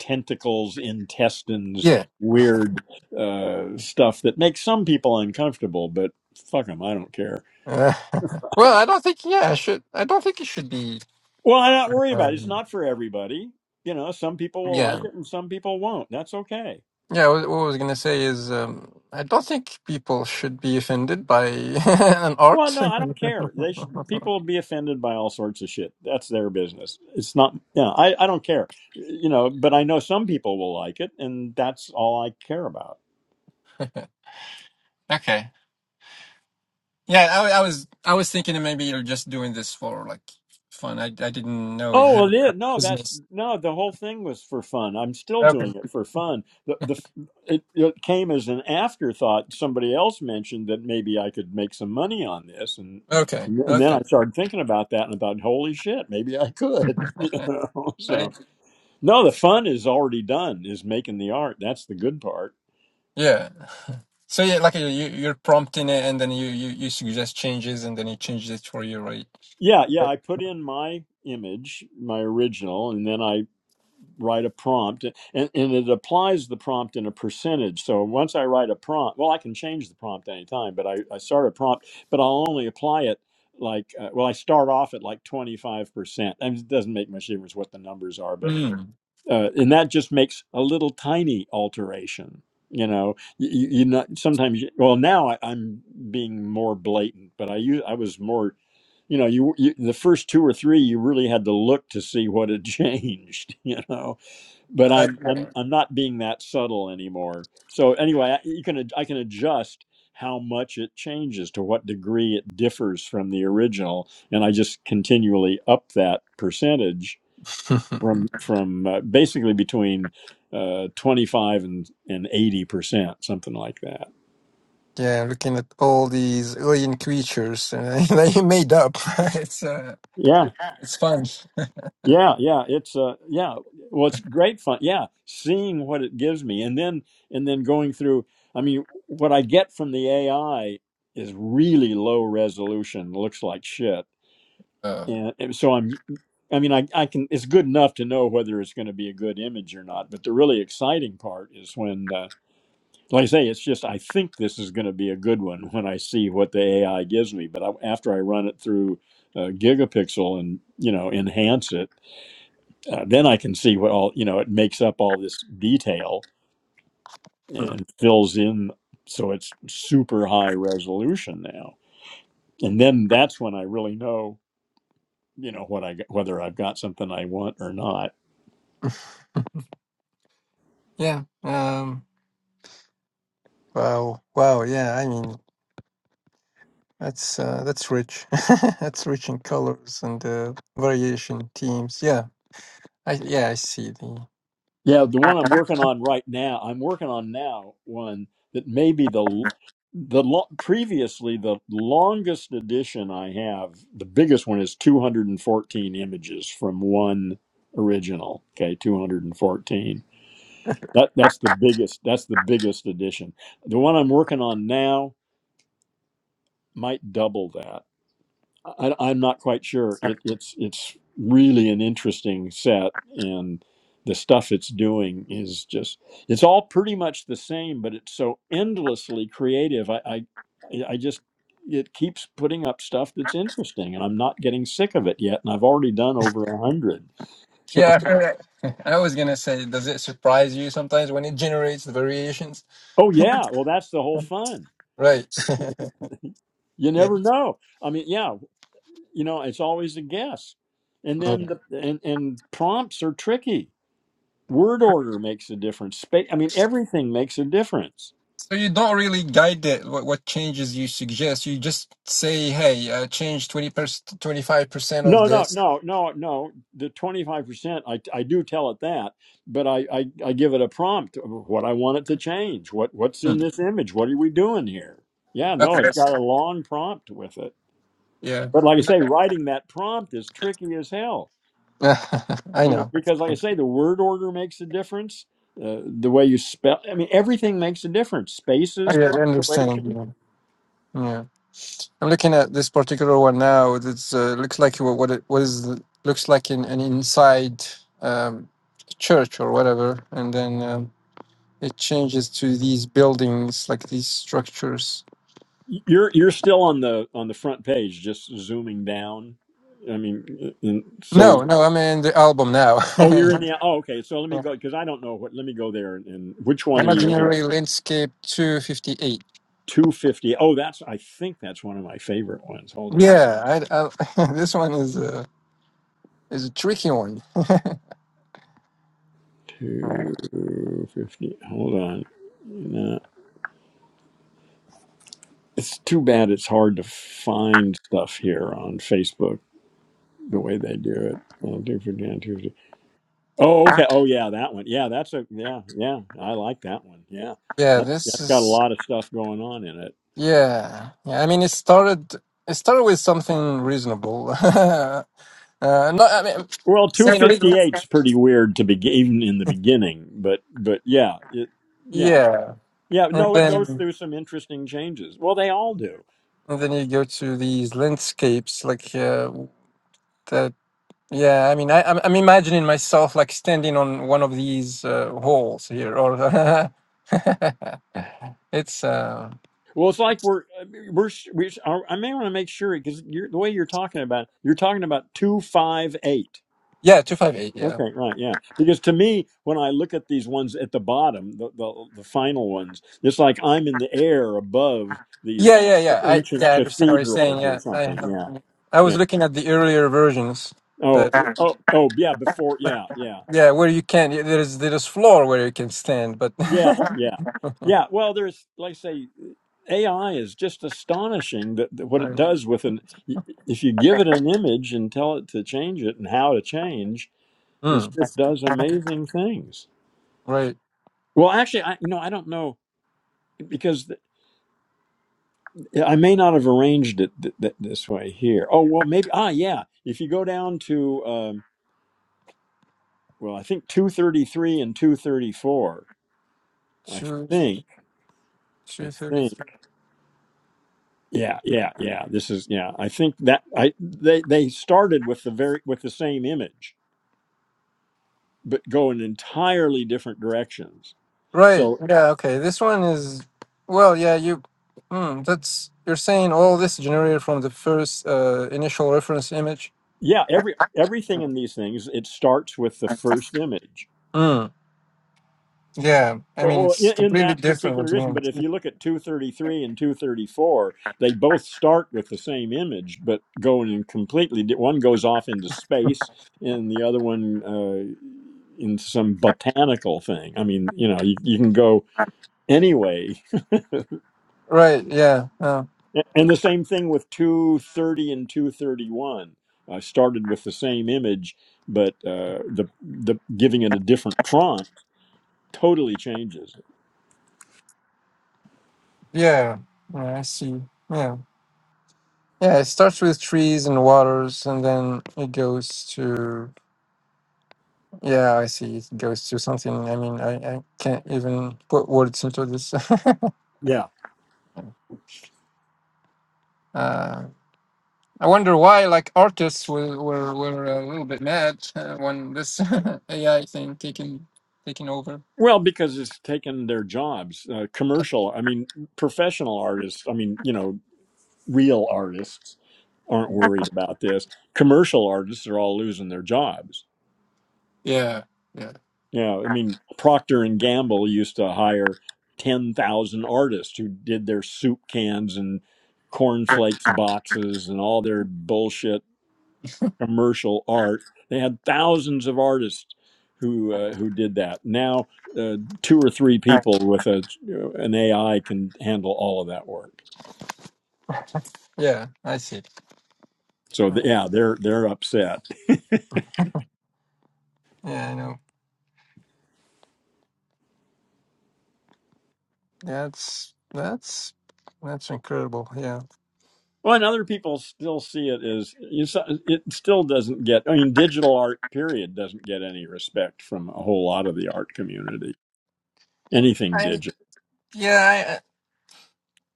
Speaker 1: tentacles, intestines,
Speaker 3: yeah.
Speaker 1: weird uh, stuff that makes some people uncomfortable, but fuck them, I don't care.
Speaker 3: *laughs* well, I don't think. Yeah, I should. I don't think it should be.
Speaker 1: Well, I not worry about it. It's
Speaker 3: Um,
Speaker 1: not for everybody. You know, some people will
Speaker 3: yeah.
Speaker 1: like it and some people won't. That's okay.
Speaker 3: Yeah, what what I was gonna say is, um, I don't think people should be offended by *laughs* an
Speaker 1: Well,
Speaker 3: art.
Speaker 1: no, I don't care. They sh-
Speaker 3: *laughs*
Speaker 1: people will be offended by all sorts of shit. That's their business. It's not. Yeah, I I don't care. You know, but I know some people will like it, and that's all I care about.
Speaker 3: okay. Yeah, I, I was I was thinking maybe you're just doing this for like fun. I I didn't know you
Speaker 1: Oh
Speaker 3: had
Speaker 1: well, yeah,
Speaker 3: a
Speaker 1: no, that's
Speaker 3: business.
Speaker 1: no. The whole thing was for fun. I'm still
Speaker 3: Okay.
Speaker 1: doing it for fun. The the f- it, it came as an afterthought. Somebody else mentioned that maybe I could make some money on this, and
Speaker 3: Okay.
Speaker 1: and then
Speaker 3: Okay.
Speaker 1: I started thinking about that and I thought, holy shit, maybe I could. *laughs* you know? So
Speaker 3: Right.
Speaker 1: no, the fun is already done. Is making the art. That's the good part.
Speaker 3: Yeah. So yeah, like you you- you're prompting it, and then you you, you suggest changes, and then he changes it for you, right?
Speaker 1: Yeah, yeah.
Speaker 3: *laughs*
Speaker 1: I put in my image, my original, and then I write a prompt and, and it applies the prompt in a percentage so once i write a prompt well i can change the prompt anytime but i, I start a prompt but i'll only apply it like uh, well i start off at like 25% mean, it doesn't make much difference what the numbers are but
Speaker 3: Right.
Speaker 1: uh, and that just makes a little tiny alteration you know you, you you not sometimes you, well now I, i'm being more blatant but i u- i was more you know you, you the first two or three you really had to look to see what had *laughs* changed you know but I'm I'm
Speaker 3: Mm.
Speaker 1: I'm not being that subtle anymore. So anyway, I, you can ad- I can adjust how much it changes to what degree it differs from the original, and I just continually up that percentage
Speaker 3: Okay. *laughs*
Speaker 1: from from uh, basically between uh, 25 and and 80 percent, something like that.
Speaker 3: Yeah, looking at all these alien creatures uh, *laughs* that you made up. *laughs* it's uh,
Speaker 1: Yeah.
Speaker 3: it's fun.
Speaker 1: Yeah, yeah, it's uh yeah, well it's great fun. Yeah, seeing what it gives me and then and then going through I mean what I get from the AI is really low resolution, looks like shit.
Speaker 3: Uh,
Speaker 1: And, and so I'm I mean I I can it's good enough to know whether it's going to be a good image or not, but the really exciting part is when uh, like I say it's just I think this is going to be a good one when I see what the AI gives me, but I, after I run it through uh, gigapixel and you know enhance it uh, then I can see what all you know. It makes up all this detail and fills in, so it's super high resolution now. And then that's when I really know, you know, what I got- whether I've got something I want or not.
Speaker 3: yeah. Um. Wow. Wow. Yeah. I mean, that's uh, that's rich. *laughs* that's rich in colors and uh, variation themes. Yeah. I yeah. I see the.
Speaker 1: Yeah, the one I'm working on right now, I'm working on now one that may be the l- the lo- previously the longest edition I have. The biggest one is 214 images from one original. Okay, 214 That that's the biggest. That's the biggest addition. The one I'm working on now might double that. I, I'm not quite sure. It, it's it's really an interesting set, and the stuff it's doing is just. It's all pretty much the same, but it's so endlessly creative. I I, I just it keeps putting up stuff that's interesting, and I'm not getting sick of it yet. And I've already done over a hundred. *laughs*
Speaker 3: Yeah. *laughs* I heard that. *laughs* I was gonna say, does it surprise you sometimes when it generates the variations?
Speaker 1: oh yeah, well that's the whole fun.
Speaker 3: Right.
Speaker 1: You
Speaker 3: *laughs*
Speaker 1: never know. I mean, yeah. you know it's always a guess and
Speaker 3: yeah.
Speaker 1: then the and, and prompts are tricky word order makes a difference space i mean everything makes a difference
Speaker 3: So you don't really guide it, what, what changes you suggest. You just say, hey, uh, change 20 percent, 25% of
Speaker 1: no no
Speaker 3: this.
Speaker 1: no no no the 25% i, I do tell it that but I, I i give it a prompt of what i want it to change what what's
Speaker 3: Hmm.
Speaker 1: in this image what are we doing here yeah no
Speaker 3: Okay.
Speaker 1: it's got a long prompt with it
Speaker 3: Yeah.
Speaker 1: but like i say writing that prompt is tricky as hell
Speaker 3: *laughs* I
Speaker 1: you know
Speaker 3: know.
Speaker 1: because like i say the word order makes a difference uh, the way you spell i mean everything makes a difference spaces
Speaker 3: Yeah, I understand.
Speaker 1: punctuation
Speaker 3: Yeah. yeah. I'm looking at this particular one now. It uh, looks like what what it what is the- looks like in an inside um, church or whatever, and then um, it changes to these buildings, like these structures.
Speaker 1: you're you're still on the on the front page just zooming down i mean in, so
Speaker 3: No, no, I'm in the album now.
Speaker 1: oh you're in
Speaker 3: *laughs*
Speaker 1: the oh okay so let
Speaker 3: Yeah.
Speaker 1: me go because i don't know what let me go there and, and which one are you in
Speaker 3: Imaginary Landscape 258.
Speaker 1: 250 oh that's i think that's one of my favorite ones hold on
Speaker 3: Yeah, I, I, *laughs* this one is a, is a tricky one.
Speaker 1: 250 hold on no, it's too bad it's hard to find stuff here on facebook the way they do it. Uh, do for Dan Tuesday. Oh, okay. Oh, yeah, that one. Yeah, that's a yeah, yeah. I like that one. Yeah,
Speaker 3: Yeah,
Speaker 1: that's
Speaker 3: this
Speaker 1: that's got a
Speaker 3: is
Speaker 1: lot of stuff going on in it.
Speaker 3: yeah. yeah I mean, it started it started with something reasonable. *laughs* uh, not I mean,
Speaker 1: Well, two
Speaker 3: saying reasonable.
Speaker 1: fifty eight's pretty weird to begin even in the beginning, but but yeah, it, yeah,
Speaker 3: Yeah,
Speaker 1: yeah.
Speaker 3: and
Speaker 1: No, it goes
Speaker 3: then
Speaker 1: through some interesting changes. Well, they all do.
Speaker 3: and then you go to these landscapes like uh, that. Yeah, I mean, I, I'm I'm imagining myself like standing on one of these uh, halls here, or *laughs* it's uh,
Speaker 1: Well, it's like we're uh, we're we. I may want to make sure because the way you're talking about, you're talking about two five eight.
Speaker 3: Yeah, 258. Yeah.
Speaker 1: Okay, right, yeah. Because to me, when I look at these ones at the bottom, the, the the final ones, it's like I'm in the air above
Speaker 3: Yeah,
Speaker 1: these
Speaker 3: yeah, yeah. I
Speaker 1: ancient
Speaker 3: yeah, I understand what you're saying.
Speaker 1: cathedrals or
Speaker 3: Yeah, I
Speaker 1: something.
Speaker 3: have.
Speaker 1: Yeah,
Speaker 3: I was
Speaker 1: yeah.
Speaker 3: looking at the earlier versions
Speaker 1: Oh,
Speaker 3: that Ah.
Speaker 1: oh, oh, yeah. Before, yeah, yeah,
Speaker 3: yeah, where you can there's there's floor where you can stand, but
Speaker 1: yeah,
Speaker 3: *laughs*
Speaker 1: yeah, yeah. Well, there's like I say, AI is just astonishing that, that what it
Speaker 3: right.
Speaker 1: does with an if you give it an image and tell it to change it and how to change, it
Speaker 3: Hmm.
Speaker 1: just does amazing things.
Speaker 3: Right.
Speaker 1: Well, actually, I you know I don't know because Yeah, I may not have arranged it th- th- this way here. Oh well, maybe. Ah, yeah. If you go down to um, well, I think two thirty three and two thirty four. I
Speaker 3: Two
Speaker 1: think.
Speaker 3: two
Speaker 1: I
Speaker 3: thirty
Speaker 1: think.
Speaker 3: three.
Speaker 1: Yeah, yeah, yeah. This is yeah. I think that I they they started with the very with the same image, but go in entirely different directions.
Speaker 3: Right.
Speaker 1: So
Speaker 3: Yeah. Okay. This one is well. Yeah. You. Hmm. That's you're saying all this generated from the first uh, initial reference image.
Speaker 1: yeah, every everything in these things it starts with the first image.
Speaker 3: Hmm. Yeah. I
Speaker 1: Well,
Speaker 3: mean,
Speaker 1: well,
Speaker 3: it's
Speaker 1: in, in
Speaker 3: completely
Speaker 1: that
Speaker 3: different. What
Speaker 1: particular
Speaker 3: you
Speaker 1: ism,
Speaker 3: mean?
Speaker 1: but if you look at 233 and 234, they both start with the same image, but going in completely. di- One goes off into space, and the other one uh, in some botanical thing. I mean, you know, you, you can go anyway.
Speaker 3: Right. Yeah. yeah.
Speaker 1: A- And the same thing with 230 and 231. Uh, started with the same image, but uh, the the giving it a different prompt totally changes. it.
Speaker 3: Yeah, yeah, I see. Yeah, yeah. It starts with trees and waters, and then it goes to yeah. I see. It goes to something. I mean, I, I can't even put words into this. *laughs*
Speaker 1: Yeah.
Speaker 3: uh, I wonder why, like artists, were were, were a little bit mad uh, when this *laughs* AI thing taking taking over.
Speaker 1: Well, because it's taken their jobs. Uh, commercial, I mean, professional artists, I mean, you know, real artists aren't worried about this. Commercial artists are all losing their jobs.
Speaker 3: Yeah, yeah,
Speaker 1: Yeah, I mean, Procter and Gamble used to hire 10,000 artists who did their soup cans and cornflakes boxes and all their bullshit commercial art. They had thousands of artists who uh, who did that. Now, uh, two or three
Speaker 3: Right.
Speaker 1: people with a an AI can handle all of that work.
Speaker 3: yeah. I see.
Speaker 1: So
Speaker 3: Yeah,
Speaker 1: th- yeah, they're they're upset.
Speaker 3: yeah, I know. That's that's that's incredible. Yeah.
Speaker 1: Well, and other people still see it as you s- it still doesn't get. I mean, digital art period doesn't get any respect from a whole lot of the art community. Anything
Speaker 3: I
Speaker 1: digital.
Speaker 3: yeah.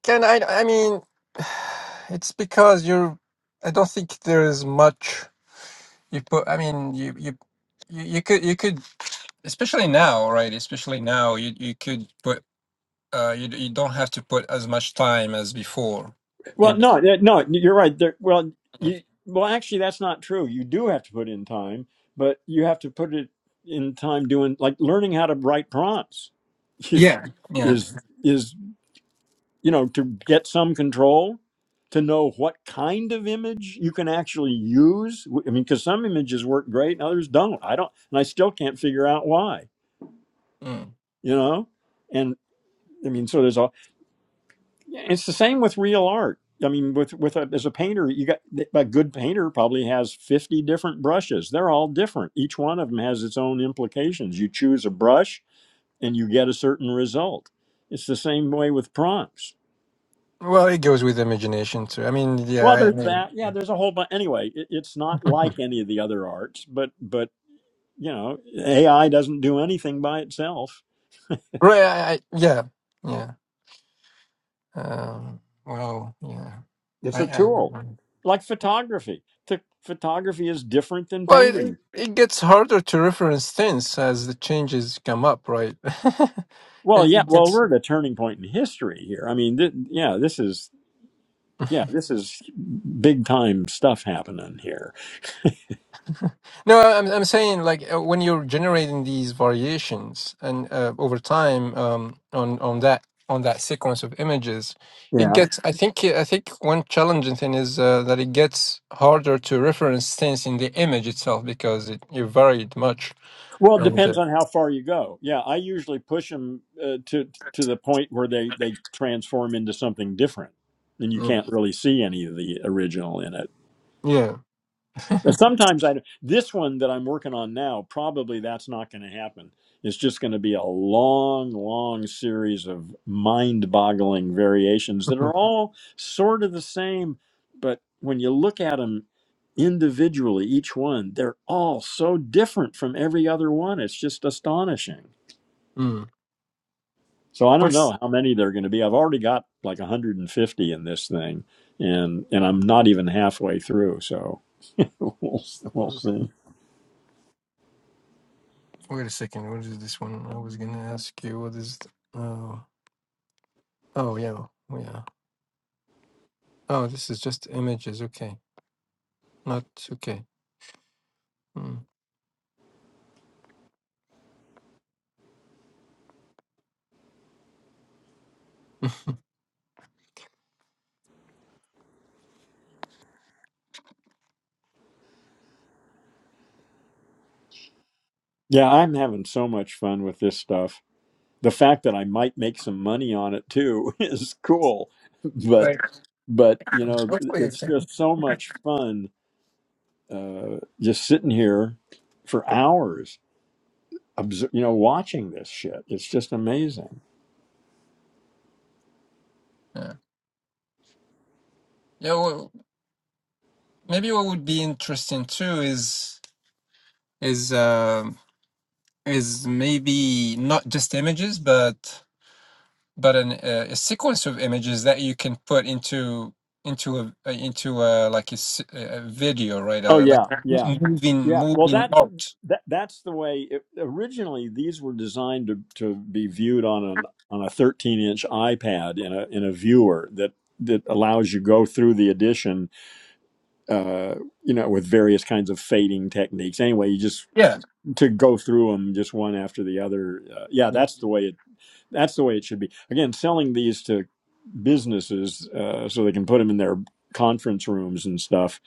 Speaker 3: Can I? I mean, *sighs* it's because you're. I don't think there is much you put. I mean, you you you, you could you could especially now, right? Especially now, you you could put. Uh, you you don't have to put as much time as before.
Speaker 1: Well,
Speaker 3: In
Speaker 1: no, yeah, no, you're right. There, well, you, well, actually, that's not true. You do have to put in time, but you have to put it in time doing like learning how to write prompts *laughs* is
Speaker 3: yeah yeah.
Speaker 1: is is you know to get some control to know what kind of image you can actually use. I mean, because some images work great and others don't. I don't, and I still can't figure out why.
Speaker 3: Mm.
Speaker 1: You know, and I mean, so there's a it's the same with real art. I mean, with with a, as a painter, you got a good painter probably has fifty different brushes. They're all different. Each one of them has its own implications. You choose a brush, and you get a certain result. It's the same way with prompts.
Speaker 3: Well, it goes with imagination too. I mean, yeah,
Speaker 1: Well,
Speaker 3: I,
Speaker 1: there's that.
Speaker 3: Mm.
Speaker 1: Yeah, there's a whole bunch. Anyway, it, it's not like any of the other arts, but but you know, AI doesn't do anything by itself.
Speaker 3: *laughs* right? I, I, yeah, yeah. Um, well, yeah.
Speaker 1: It's
Speaker 3: I,
Speaker 1: a
Speaker 3: I
Speaker 1: tool, like photography. Th- photography is different than
Speaker 3: Well,
Speaker 1: painting.
Speaker 3: it, it gets harder to reference things as the changes come up, right? *laughs* it,
Speaker 1: Well, yeah.
Speaker 3: it
Speaker 1: Well,
Speaker 3: gets.
Speaker 1: we're at a turning point in history here. I mean, th- yeah, this is
Speaker 3: *laughs*
Speaker 1: yeah, this is big time stuff happening here.
Speaker 3: No, I'm I'm saying like uh, when you're generating these variations and uh, over time um, on on that on that sequence of images, it
Speaker 1: Yeah.
Speaker 3: gets. I think I think one challenging thing is uh, that it gets harder to reference things in the image itself because it, it varied much
Speaker 1: Well, it
Speaker 3: and uh,
Speaker 1: depends on how far you go. Yeah, I usually push them uh, to to the point where they they transform into something different, and you
Speaker 3: mm,
Speaker 1: can't really see any of the original in it.
Speaker 3: yeah.
Speaker 1: But sometimes I this one that I'm working on now probably that's not going to happen. It's just going to be a long, long series of mind-boggling variations that are
Speaker 3: *laughs*
Speaker 1: all sort of the same, but when you look at them individually, each one they're all so different from every other one. It's just astonishing.
Speaker 3: Mhm.
Speaker 1: So I don't
Speaker 3: Mm.
Speaker 1: know how many there are going to be. I've already got like 150 in this thing, and and I'm not even halfway through. So *laughs* we'll we'll see.
Speaker 3: Wait a second. What is this one? I was gonna ask you. What is? th- Oh, oh yeah, oh, yeah. Oh, this is just images. Okay, not okay. Hmm.
Speaker 1: Yeah, I'm having so much fun with this stuff. The fact that I might make some money on it too *laughs* is cool, but but you
Speaker 3: Uh,
Speaker 1: know, it's
Speaker 3: Exactly.
Speaker 1: just so much fun uh, just sitting here for hours, obser- you know, watching this shit. It's just amazing.
Speaker 3: Yeah. Yeah. Well, maybe what would be interesting too is is um is maybe not just images, but but an, uh, a sequence of images that you can put into into a uh, into a like a, s- a video, right?
Speaker 1: Oh
Speaker 3: Uh, like
Speaker 1: yeah, yeah,
Speaker 3: moving
Speaker 1: yeah. Well,
Speaker 3: moving
Speaker 1: that
Speaker 3: art.
Speaker 1: that that's the way. It, originally, these were designed to to be viewed on an on a 13 inch iPad in a in a viewer that that allows you go through the edition uh, you know, with various kinds of fading techniques. Anyway, you just
Speaker 3: Yeah.
Speaker 1: to go through them just one after the other. Uh, yeah,
Speaker 3: Mm,
Speaker 1: that's the way it. That's the way it should be. Again, selling these to businesses uh, so they can put them in their conference rooms and stuff.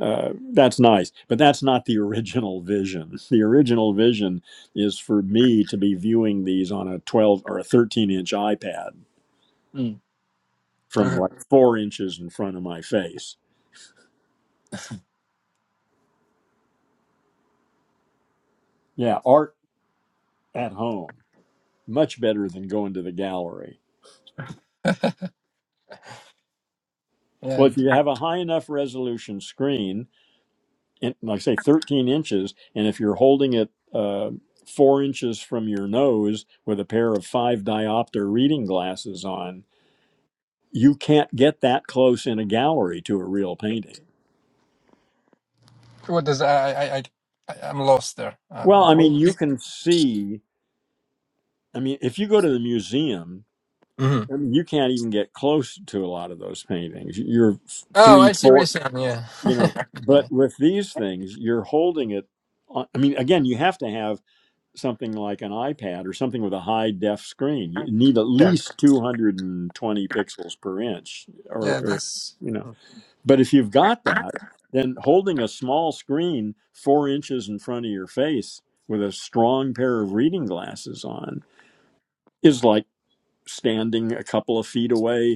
Speaker 1: Uh, that's nice, but that's not the *laughs* original vision. The original vision is for me to be viewing these on a 12 or a 13 inch iPad
Speaker 3: mm.
Speaker 1: from
Speaker 3: Okay.
Speaker 1: like four inches in front of my face. Yeah, art at home. much better than going to the gallery.
Speaker 3: Yeah.
Speaker 1: Well, if you have a high enough resolution screen, in, like say 13 inches, and if you're holding it uh, four inches from your nose with a pair of five diopter reading glasses on, you can't get that close in a gallery to a real painting.
Speaker 3: What does I I I I- I'm lost there. Uh,
Speaker 1: Well, I mean, you can see, I mean, if you go to the museum,
Speaker 3: hmm
Speaker 1: I mean, you can't even get close to a lot of those paintings. You're
Speaker 3: Oh,
Speaker 1: three,
Speaker 3: I see what you're
Speaker 1: four.
Speaker 3: saying. Yeah.
Speaker 1: you
Speaker 3: *laughs*
Speaker 1: know
Speaker 3: yeah.
Speaker 1: but with these things you're holding it on, i mean again you have to have something like an ipad or something with a high def screen you need at
Speaker 3: Yeah.
Speaker 1: least 220 pixels per inch or,
Speaker 3: Yeah.
Speaker 1: or
Speaker 3: That's
Speaker 1: you know but if you've got that then holding a small screen four inches in front of your face with a strong pair of reading glasses on is like standing a couple of feet away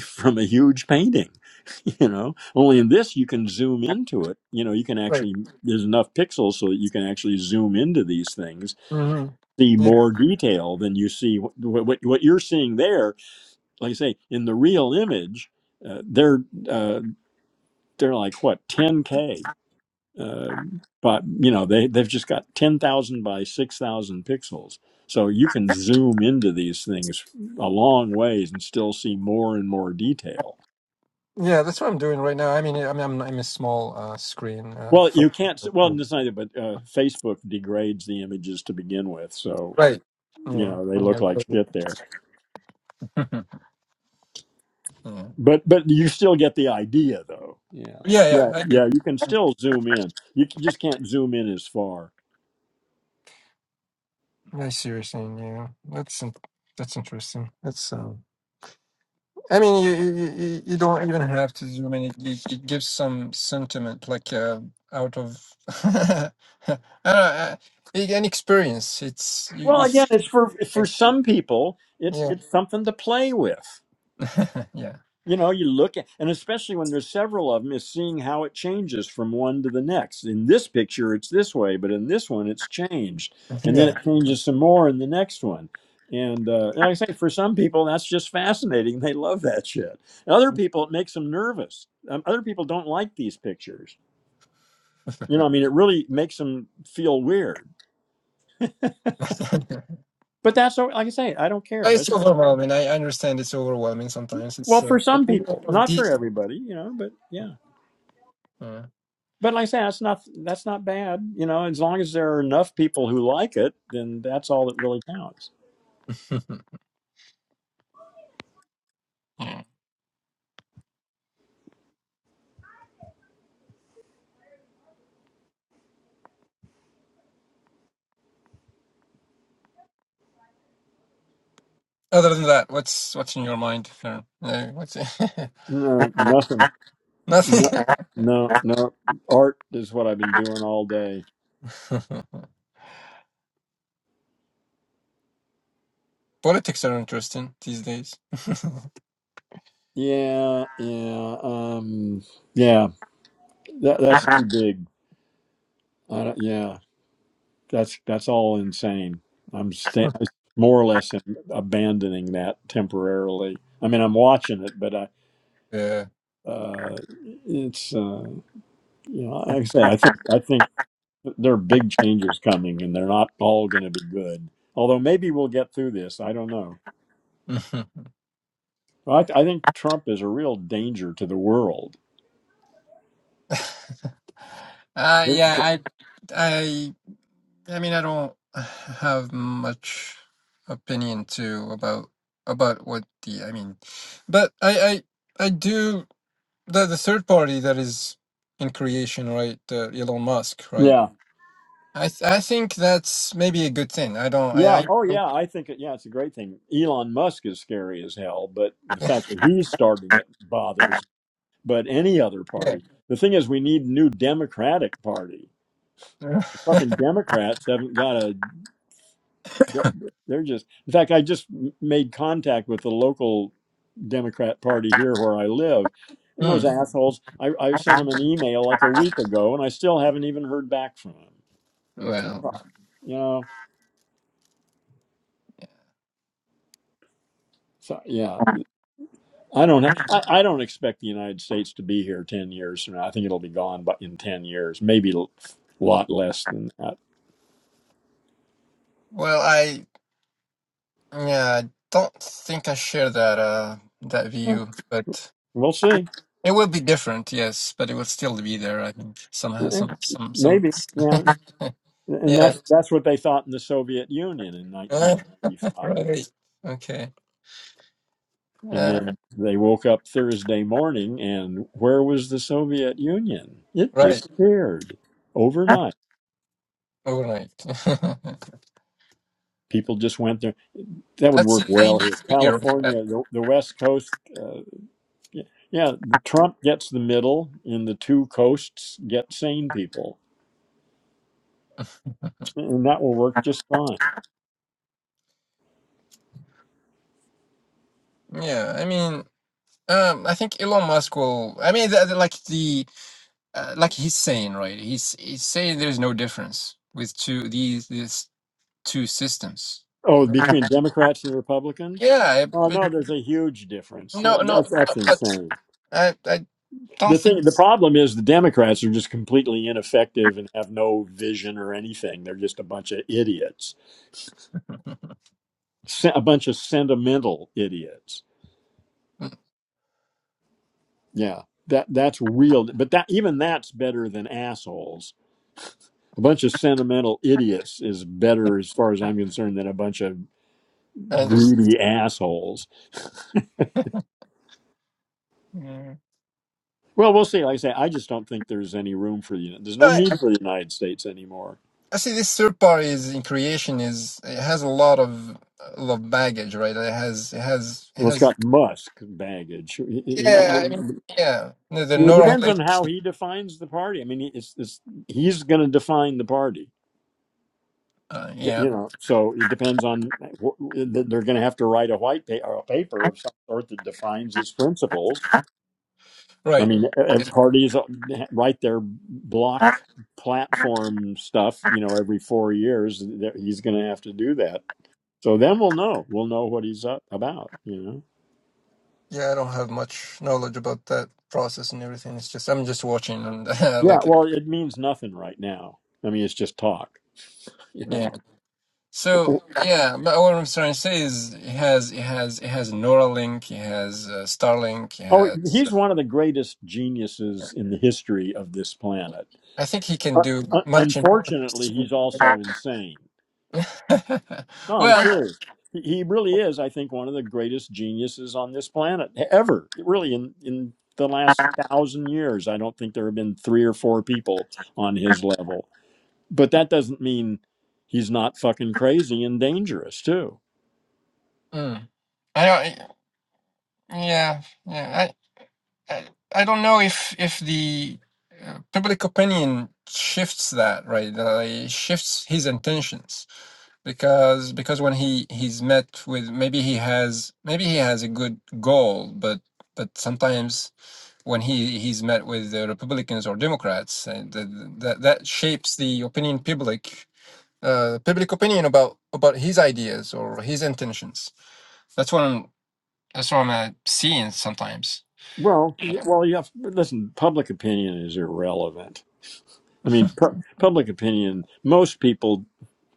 Speaker 1: from a huge painting *laughs* you know only in this you can zoom into it you know you can
Speaker 3: right.
Speaker 1: actually there's enough pixels so that you can actually zoom into these things
Speaker 3: hmm
Speaker 1: see
Speaker 3: Yeah.
Speaker 1: more detail than you see what what, what you're seeing there like i say in the real image uh, they're uh, they're like what 10k uh, but you know they they've just got 10,000 by 6,000 pixels so you can zoom into these things a long ways and still see more and more detail
Speaker 3: Yeah. That's what I'm doing right now. I mean, I mean, I'm I'm a small uh, screen. Uh,
Speaker 1: Well,
Speaker 3: phone.
Speaker 1: you can't. Well, it's neither. But uh, Facebook degrades the images to begin with, so
Speaker 3: Right.
Speaker 1: you
Speaker 3: Yeah.
Speaker 1: know they
Speaker 3: I'm
Speaker 1: look
Speaker 3: not
Speaker 1: like
Speaker 3: really-
Speaker 1: shit there.
Speaker 3: *laughs* yeah.
Speaker 1: But but you still get the idea, though. Yeah,
Speaker 3: Yeah. Yeah.
Speaker 1: yeah,
Speaker 3: I do.
Speaker 1: yeah. You can still zoom in. You c- just can't zoom in as far.
Speaker 3: I see what you're saying. Yeah. That's in- that's interesting. That's um. I mean, you, you, you you- don't even have to zoom in. It, it, it gives some sentiment, like uh, out of *laughs* I don't know, uh, it- an experience. It's you,
Speaker 1: Well,
Speaker 3: you
Speaker 1: again,
Speaker 3: feel-
Speaker 1: it's for for some people. It's
Speaker 3: yeah,
Speaker 1: it's something to play with.
Speaker 3: *laughs* yeah,
Speaker 1: you know you look at and especially when there's several of them is seeing how it changes from one to the next in this picture it's this way but in this one it's changed and then it
Speaker 3: yeah.
Speaker 1: changes some more in the next one and, uh, and like i say for some people that's just fascinating they love that shit And other people it makes them nervous um, other people don't like these pictures
Speaker 3: *laughs*
Speaker 1: you know i mean it really makes them feel weird but that's o- like i say i don't care
Speaker 3: it's
Speaker 1: It's-
Speaker 3: overwhelming. I understand it's overwhelming sometimes.
Speaker 1: well
Speaker 3: It's uh,
Speaker 1: for
Speaker 3: but
Speaker 1: some
Speaker 3: we
Speaker 1: people
Speaker 3: of
Speaker 1: not for
Speaker 3: detail.
Speaker 1: everybody you know but yeah
Speaker 3: Yeah. *laughs*
Speaker 1: But like I say, that's not that's not bad. You know, as long as there are enough people who like it, then that's all that really counts.
Speaker 3: Yeah. Other than that, what's what's in your mind? Sharon? Uh, what's
Speaker 1: No,
Speaker 3: *laughs*
Speaker 1: nothing. No,
Speaker 3: nothing?
Speaker 1: no, no. Art is what I've been doing all day.
Speaker 3: *laughs* Politics are interesting these days.
Speaker 1: Yeah, yeah, um, yeah. That, that's
Speaker 3: *laughs*
Speaker 1: too big. I don't, yeah, that's that's all insane. I'm sta- more or less in abandoning that temporarily. I mean, I'm watching it, but I
Speaker 3: Yeah.
Speaker 1: uh, it's uh, you know, like I say, I think I think. there are big changes coming, and they're not all going to be good. Although maybe we'll get through this. I don't know.
Speaker 3: Mhm.
Speaker 1: I, I think Trump is a real danger to the world.
Speaker 3: *laughs* Uh, yeah, I, I, I mean, I don't have much opinion too about about what the, I mean, but I, I, I do the the third party that is in creation, right? Uh, Elon Musk, right?
Speaker 1: Yeah.
Speaker 3: I, th- I think that's maybe a good thing. I don't, I,
Speaker 1: Yeah.
Speaker 3: I,
Speaker 1: Oh,
Speaker 3: don't-
Speaker 1: yeah. I think, it, yeah, it's a great thing. Elon Musk is scary as hell, but the fact that he's starting it bothers. But any other party. The thing is, we need new Democratic Party.
Speaker 3: yeah. *laughs*
Speaker 1: The fucking Democrats haven't got a they're they're just in fact i just m- made contact with the local democrat party here where i live and those
Speaker 3: Hmm.
Speaker 1: assholes i, I sent them an email like a week ago and i still haven't even heard back from them
Speaker 3: Well,
Speaker 1: you know so yeah i don't ha- I, I don't expect the united states to be here 10 years from now i think it'll be gone but in 10 years maybe a lot less than that
Speaker 3: well, I, Yeah, I don't think I share that uh that
Speaker 1: Yeah.
Speaker 3: view, but
Speaker 1: we'll see
Speaker 3: it will be different, yes, but it will still be there, I think. Somehow
Speaker 1: Yeah.
Speaker 3: some some some
Speaker 1: maybe
Speaker 3: *laughs*
Speaker 1: yeah and
Speaker 3: yeah.
Speaker 1: that's that's what they thought in the soviet union in
Speaker 3: Right.
Speaker 1: 1995
Speaker 3: Right. Okay.
Speaker 1: And
Speaker 3: Uh,
Speaker 1: then they woke up Thursday morning, and where was the Soviet Union? It
Speaker 3: right.
Speaker 1: disappeared overnight.
Speaker 3: All right. *laughs*
Speaker 1: People just went there. That would
Speaker 3: That's
Speaker 1: work
Speaker 3: in
Speaker 1: well here.
Speaker 3: 93, right? Uh,
Speaker 1: California, the, the West Coast. Uh, yeah, yeah, Trump gets the middle, and the two coasts get sane people. And that will work just fine.
Speaker 3: Yeah, I mean, um, I think Elon Musk will. I mean, the, the- like the uh, like he's saying, right? He's he's saying there's no difference with two these these two systems.
Speaker 1: Oh,
Speaker 3: *laughs* Uh,
Speaker 1: between Democrats and Republicans?
Speaker 3: Yeah, it-
Speaker 1: Oh,
Speaker 3: it-
Speaker 1: no, there's a huge difference.
Speaker 3: No, no, no,
Speaker 1: That's, that's
Speaker 3: but
Speaker 1: insane.
Speaker 3: I, I don't
Speaker 1: The
Speaker 3: think
Speaker 1: thing, the
Speaker 3: s-
Speaker 1: problem is the Democrats are just completely ineffective and have no vision or anything. They're just a bunch of idiots, Se- a bunch of sentimental idiots.
Speaker 3: Mm,
Speaker 1: Yeah, that that's real. But that even that's better than assholes. A bunch of sentimental idiots is better, as far as I'm concerned, than a bunch of
Speaker 3: I understand.
Speaker 1: greedy assholes.
Speaker 3: Yeah.
Speaker 1: Well, we'll see. Like I say, I just don't think there's any room for the. There's no
Speaker 3: I,
Speaker 1: need for the United States anymore.
Speaker 3: I see this third party is in creation is it has a lot of a lot of baggage, right? It has it has it
Speaker 1: Well, it's
Speaker 3: has
Speaker 1: got Musk baggage.
Speaker 3: yeah, I mean yeah. The, the
Speaker 1: Well, it
Speaker 3: neural
Speaker 1: depends on
Speaker 3: link,
Speaker 1: how he defines the party. I mean, he- it's, it's he's going to define the party,
Speaker 3: uh,
Speaker 1: y-
Speaker 3: yeah,
Speaker 1: you know. So it depends on wh- th- they're going to have to write a white pa- or a paper of some sort that defines his principles. I
Speaker 3: right.
Speaker 1: mean, e- e-
Speaker 3: It-
Speaker 1: parties write their block platform stuff, you know, every four years. Th- He's going to have to do that. So then we'll know. We'll know what he's up about, you know.
Speaker 3: yeah, I don't have much knowledge about that process and everything. It's just I'm just watching and *laughs*
Speaker 1: Yeah.
Speaker 3: like
Speaker 1: Well, it means nothing right now. I mean, it's just talk, *laughs* you
Speaker 3: yeah.
Speaker 1: know.
Speaker 3: So yeah, but what I'm trying to say is he has he has he has Neuralink, he has uh, Starlink, he
Speaker 1: Oh,
Speaker 3: has.
Speaker 1: he's one of the greatest geniuses in the history of this planet.
Speaker 3: I think he
Speaker 1: Uh,
Speaker 3: can do
Speaker 1: un-
Speaker 3: much in politics
Speaker 1: unfortunately,
Speaker 3: too.
Speaker 1: he's also insane.
Speaker 3: *laughs*
Speaker 1: No, I'm
Speaker 3: well,
Speaker 1: serious. He he really is, I think, one of the greatest geniuses on this planet ever. Really, in, in the last thousand years, I don't think there have been three or four people on his level. But that doesn't mean he's not fucking crazy and dangerous, too.
Speaker 3: mm, I don't. Yeah, yeah. I, I don't know if if the uh, public opinion shifts that right uh, it shifts his intentions because because when he he's met with maybe he has maybe he has a good goal but but sometimes when he he's met with the republicans or democrats and that that, that shapes the opinion public uh, public opinion about about his ideas or his intentions that's what i'm that's what i'm uh, seeing sometimes
Speaker 1: Well, yeah, well, you have, listen, public opinion is irrelevant. I mean, pu- public opinion, most people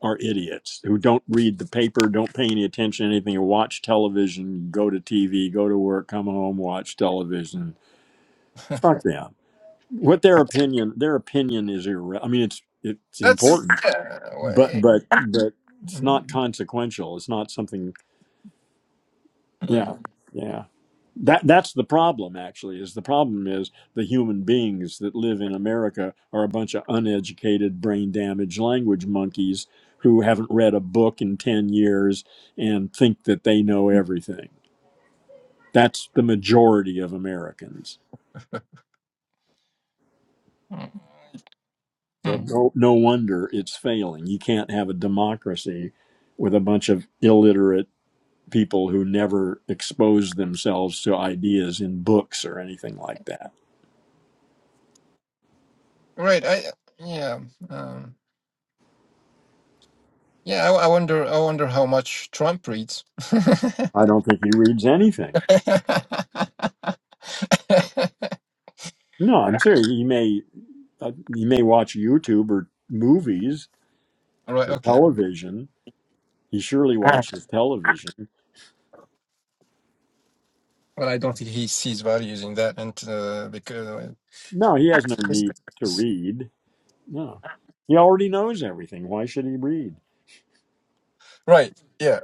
Speaker 1: are idiots who don't read the paper, don't pay any attention to anything, or watch television, go to TV, go to work, come home, watch television.
Speaker 3: *laughs*
Speaker 1: Fuck them. What their opinion, their opinion is irre- I mean, it's it's
Speaker 3: That's
Speaker 1: important,
Speaker 3: yeah, well,
Speaker 1: but
Speaker 3: eh,
Speaker 1: but but it's
Speaker 3: mm,
Speaker 1: not consequential. It's not something.
Speaker 3: mm,
Speaker 1: Yeah, yeah. that that's the problem actually is the problem is the human beings that live in america are a bunch of uneducated brain damaged language monkeys who haven't read a book in 10 years and think that they know everything that's the majority of americans
Speaker 3: mm,
Speaker 1: so
Speaker 3: mm.
Speaker 1: no, no wonder it's failing you can't have a democracy with a bunch of illiterate people who never expose themselves to ideas in books or anything like that
Speaker 3: right. I yeah, um, yeah. I, I wonder. I wonder how much Trump reads. *laughs* All
Speaker 1: i don't think he reads anything No, I'm serious. You may uh, you may watch YouTube or movies
Speaker 3: right.
Speaker 1: or
Speaker 3: Okay.
Speaker 1: television. He surely watches television.
Speaker 3: Well, I don't think he sees values in that, and uh, because
Speaker 1: No, he has no need to read. No, he already knows everything. Why should he read?
Speaker 3: right. Yeah.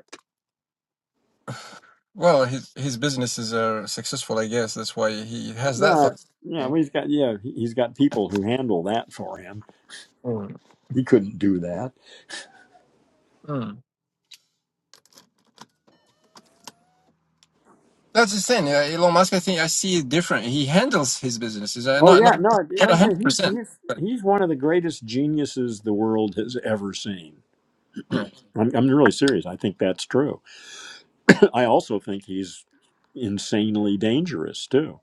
Speaker 3: Well, his his businesses are successful, I guess. That's why he has that
Speaker 1: No,
Speaker 3: thought.
Speaker 1: yeah, well,
Speaker 3: Right.
Speaker 1: he's got yeah, he- he's got people who handle that for him.
Speaker 3: Mm.
Speaker 1: He couldn't do that.
Speaker 3: mm. That's the thing. Yeah, Elon Musk, I think I see it different. He handles his businesses. Uh,
Speaker 1: Oh
Speaker 3: not
Speaker 1: yeah,
Speaker 3: not
Speaker 1: no,
Speaker 3: not
Speaker 1: like
Speaker 3: a
Speaker 1: I say,
Speaker 3: hundred
Speaker 1: he's
Speaker 3: percent.
Speaker 1: he's
Speaker 3: But
Speaker 1: he's one of the greatest geniuses the world has ever seen.
Speaker 3: yeah.
Speaker 1: I'm, I'm really serious. I think that's true. I also think he's insanely dangerous too.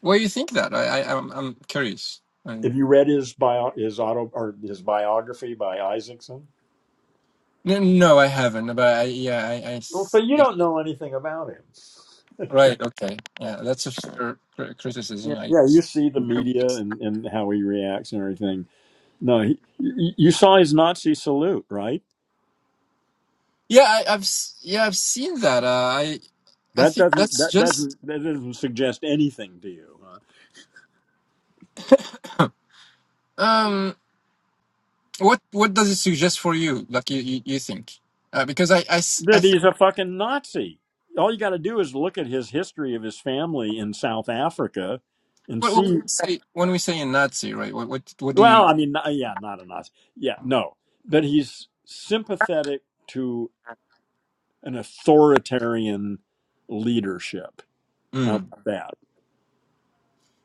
Speaker 3: why you think that? I, I I'm I'm curious. I,
Speaker 1: Have you read his bio, his auto, or his biography by Isaacson?
Speaker 3: no, no, I haven't. But I, yeah, I, I
Speaker 1: Well,
Speaker 3: s-
Speaker 1: but you
Speaker 3: yeah,
Speaker 1: don't know anything about him.
Speaker 3: right. Okay. Yeah, that's a fair cri-
Speaker 1: Yeah,
Speaker 3: criticism. I
Speaker 1: yeah you
Speaker 3: guess.
Speaker 1: see the media and, and how he reacts and everything. No, he, you you saw his Nazi salute, right?
Speaker 3: Yeah, I, I've s- yeah I've seen that. Uh, I I
Speaker 1: That
Speaker 3: think
Speaker 1: doesn't
Speaker 3: that's
Speaker 1: that
Speaker 3: just
Speaker 1: doesn't that doesn't suggest anything to you. Huh?
Speaker 3: um what what does it suggest for you? Like you you, you think? Uh, because I I s- I
Speaker 1: That
Speaker 3: think
Speaker 1: he's a fucking Nazi. All you got to do is look at his history of his family in South Africa and
Speaker 3: what, what
Speaker 1: see.
Speaker 3: we say when we say a Nazi, right? What what what do
Speaker 1: Well,
Speaker 3: you
Speaker 1: I mean, not- yeah, not a Nazi. Yeah, no. But he's sympathetic to an authoritarian leadership. How
Speaker 3: Mm.
Speaker 1: about that?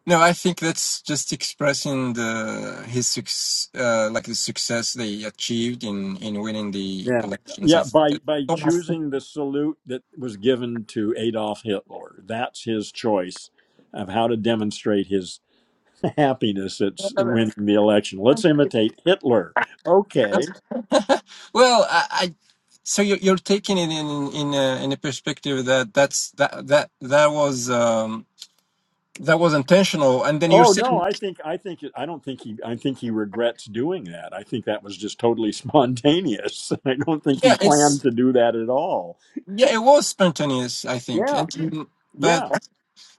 Speaker 3: No, I think that's just expressing the his success, uh, like the success they achieved in in winning the
Speaker 1: Yeah.
Speaker 3: elections. I
Speaker 1: Yeah, by
Speaker 3: think
Speaker 1: by choosing the salute that was given to Adolf Hitler. That's his choice of how to demonstrate his *laughs* happiness at s- winning the election. Let's imitate Hitler. Okay.
Speaker 3: that's *laughs* well, I, I so you're you're taking it in in a, in a perspective that that's that that that was um that was intentional, and then you're
Speaker 1: Oh no,
Speaker 3: saying
Speaker 1: I think I think it, I don't think he I think he regrets doing that. I think that was just totally spontaneous. *laughs* I don't think he
Speaker 3: yeah,
Speaker 1: planned
Speaker 3: it's
Speaker 1: to do that at all.
Speaker 3: yeah, it was spontaneous, I think,
Speaker 1: Yeah,
Speaker 3: and Mm. but.
Speaker 1: yeah.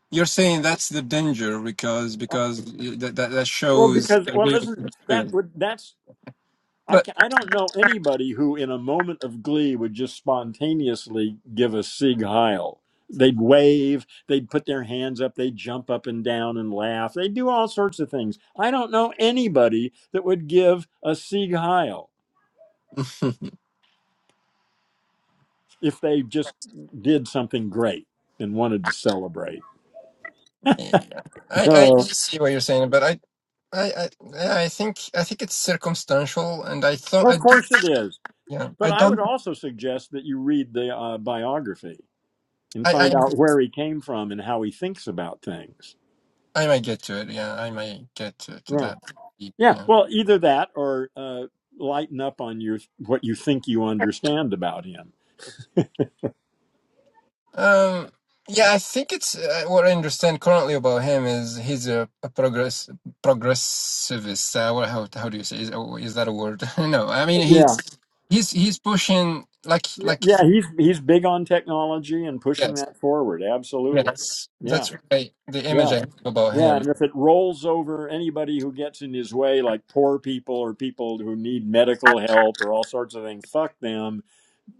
Speaker 3: You're saying that's the danger because
Speaker 1: Uh,
Speaker 3: because you- that that, that
Speaker 1: Well,
Speaker 3: shows
Speaker 1: because
Speaker 3: the
Speaker 1: well,
Speaker 3: real
Speaker 1: listen, that
Speaker 3: material.
Speaker 1: would that's I
Speaker 3: But
Speaker 1: can, I don't know anybody who in a moment of glee would just spontaneously give a Sieg Heil. They'd wave, they'd put their hands up, they'd jump up and down and laugh. They'd do all sorts of things. I don't know anybody that would give a Sieg Heil.
Speaker 3: *laughs*
Speaker 1: if they just did something great and wanted to celebrate.
Speaker 3: I I
Speaker 1: No,
Speaker 3: see what you're saying, but I. I, I yeah, I think I think it's circumstantial, and I
Speaker 1: *laughs*
Speaker 3: thought I
Speaker 1: of
Speaker 3: do,
Speaker 1: course it is.
Speaker 3: yeah
Speaker 1: But
Speaker 3: I
Speaker 1: I would
Speaker 3: don't
Speaker 1: also suggest that you read the uh, biography and
Speaker 3: I
Speaker 1: find
Speaker 3: I
Speaker 1: out where he came from and how he thinks about things.
Speaker 3: I might get to it yeah I might get to, to
Speaker 1: Yeah,
Speaker 3: that
Speaker 1: yeah.
Speaker 3: yeah
Speaker 1: Well, either that or uh, lighten up on your what you think you understand about him.
Speaker 3: Um, yeah, I think it's uh, what I understand currently about him is he's a, a progress progressivist. Uh, what, how how do you say is, oh, is that a word? *laughs* no, I mean he's
Speaker 1: Yeah,
Speaker 3: he's he's pushing like
Speaker 1: yeah.
Speaker 3: like
Speaker 1: yeah, He's he's big on technology and pushing
Speaker 3: yes
Speaker 1: that forward. Absolutely.
Speaker 3: yes
Speaker 1: Yeah,
Speaker 3: that's right the
Speaker 1: yeah.
Speaker 3: image I have about
Speaker 1: Yeah,
Speaker 3: him.
Speaker 1: and if it rolls over anybody who gets in his way, like poor people or people who need medical help or all sorts of things, fuck them.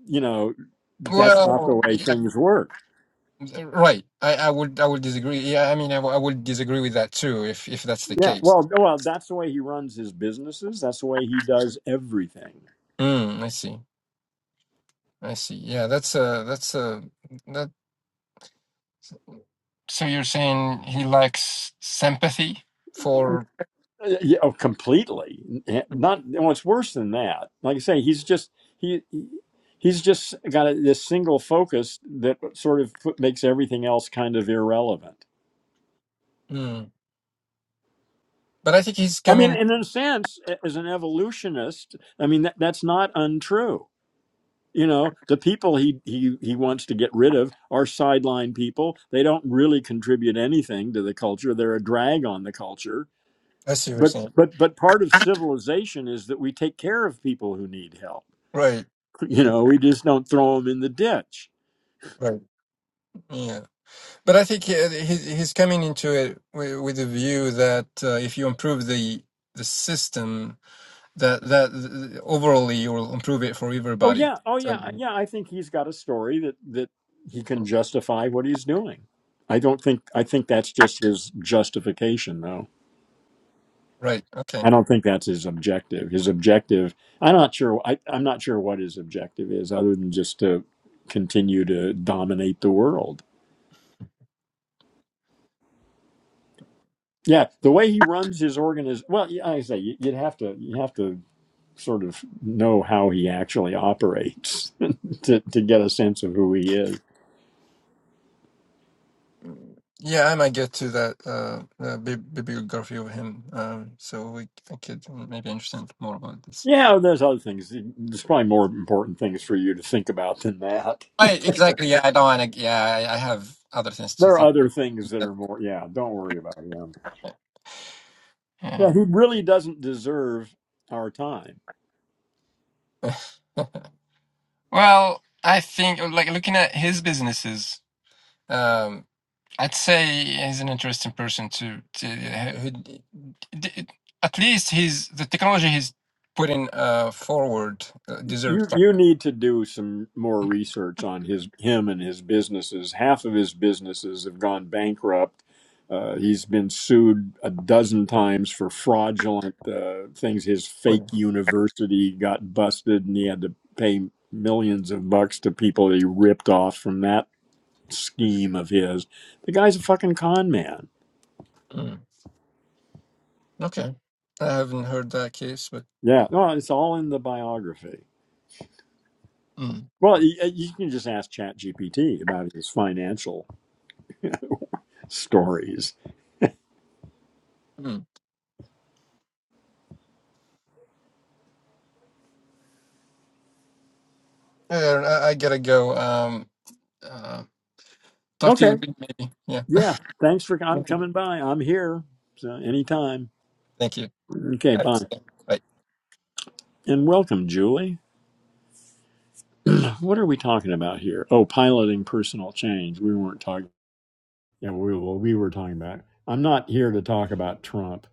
Speaker 1: You know, that's not the
Speaker 3: Well,
Speaker 1: way things work.
Speaker 3: yeah, right. I, I would I would disagree. Yeah, I mean I, w- I would disagree with that too if if that's the
Speaker 1: Yeah,
Speaker 3: case.
Speaker 1: well, well, that's the way he runs his businesses. That's the way he does everything.
Speaker 3: Mm, I see. I see. Yeah, that's uh that's uh that. So you're saying he lacks sympathy for,
Speaker 1: Uh, Yeah, oh, completely. Not well. It's worse than that. Like I say, he's just he. He's just got a, this single focus that sort of put- makes everything else kind of irrelevant.
Speaker 3: mm. but I think he's
Speaker 1: I mean,
Speaker 3: coming.
Speaker 1: in a sense, a- as an evolutionist, I mean that, that's not untrue. You know, the people he, he he wants to get rid of are sideline people. They don't really contribute anything to the culture. They're a drag on the culture.
Speaker 3: I see what you're
Speaker 1: But
Speaker 3: saying.
Speaker 1: but but part of civilization is that we take care of people who need help.
Speaker 3: Right,
Speaker 1: *laughs* You know, we just don't throw them in the ditch.
Speaker 3: right, yeah. But I think uh, he, he's he's coming into it with, with the view that uh, if you improve the the system, that that uh, overall you will improve it for
Speaker 1: Oh
Speaker 3: everybody.
Speaker 1: yeah, oh yeah,
Speaker 3: So,
Speaker 1: yeah. I think he's got a story that that he can justify what he's doing. I don't think I think that's just his justification though.
Speaker 3: right, okay.
Speaker 1: I don't think that's his objective. His objective, I'm not sure. I, I'm not sure what his objective is, other than just to continue to dominate the world. Yeah, the way he runs his organ well. yeah, like I say you- you'd have to you have to sort of know how he actually operates *laughs* to to get a sense of who he is.
Speaker 3: Yeah, I might get to that uh, uh, bi- bibliography of him, um, so we, I could maybe understand more about this.
Speaker 1: Yeah, well, there's other things. There's probably more important things for you to think about than that.
Speaker 3: I, exactly. Yeah, I don't want to. Yeah, I, I have other things to
Speaker 1: There are
Speaker 3: think.
Speaker 1: other things that
Speaker 3: About.
Speaker 1: are more. Yeah, don't worry about him. Yeah,
Speaker 3: Yeah.
Speaker 1: he really doesn't deserve our time
Speaker 3: *laughs* Well, I think like looking at his businesses, um, I'd say he's an interesting person to, to who, d- d- at least he's the technology he's putting uh, forward uh, deserves
Speaker 1: you
Speaker 3: that.
Speaker 1: you need to do some more research on his him and his businesses. Half of his businesses have gone bankrupt. Uh, he's been sued a dozen times for fraudulent uh, things. His
Speaker 3: Oh,
Speaker 1: fake
Speaker 3: yeah.
Speaker 1: university got busted, and he had to pay millions of bucks to people he ripped off from that scheme of his. The guy's a fucking con man.
Speaker 3: Mm. Okay, I haven't heard that case, but
Speaker 1: Yeah, no, it's all in the biography.
Speaker 3: mm.
Speaker 1: Well, you, you can just ask Chat GPT about his financial stories.
Speaker 3: Mm. Yeah, I, I gotta go. Um, uh, talk to
Speaker 1: Okay.
Speaker 3: you maybe. Yeah.
Speaker 1: Yeah. Thanks for I'm
Speaker 3: *laughs*
Speaker 1: coming by. I'm here. So anytime.
Speaker 3: Thank you.
Speaker 1: Okay,
Speaker 3: That's-
Speaker 1: bye. And welcome, Julie. What are we talking about here? Oh, piloting personal change. We weren't talking yeah, we well, we were talking about I'm not here to talk about Trump.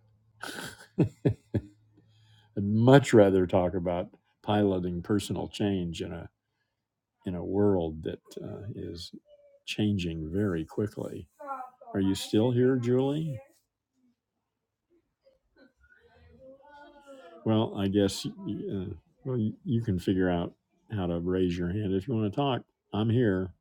Speaker 1: I'd much rather talk about piloting personal change in a in a world that uh, is changing very quickly. Are you still here, Julie? Well, I guess uh, well you you can figure out how to raise your hand if you want to talk. I'm here.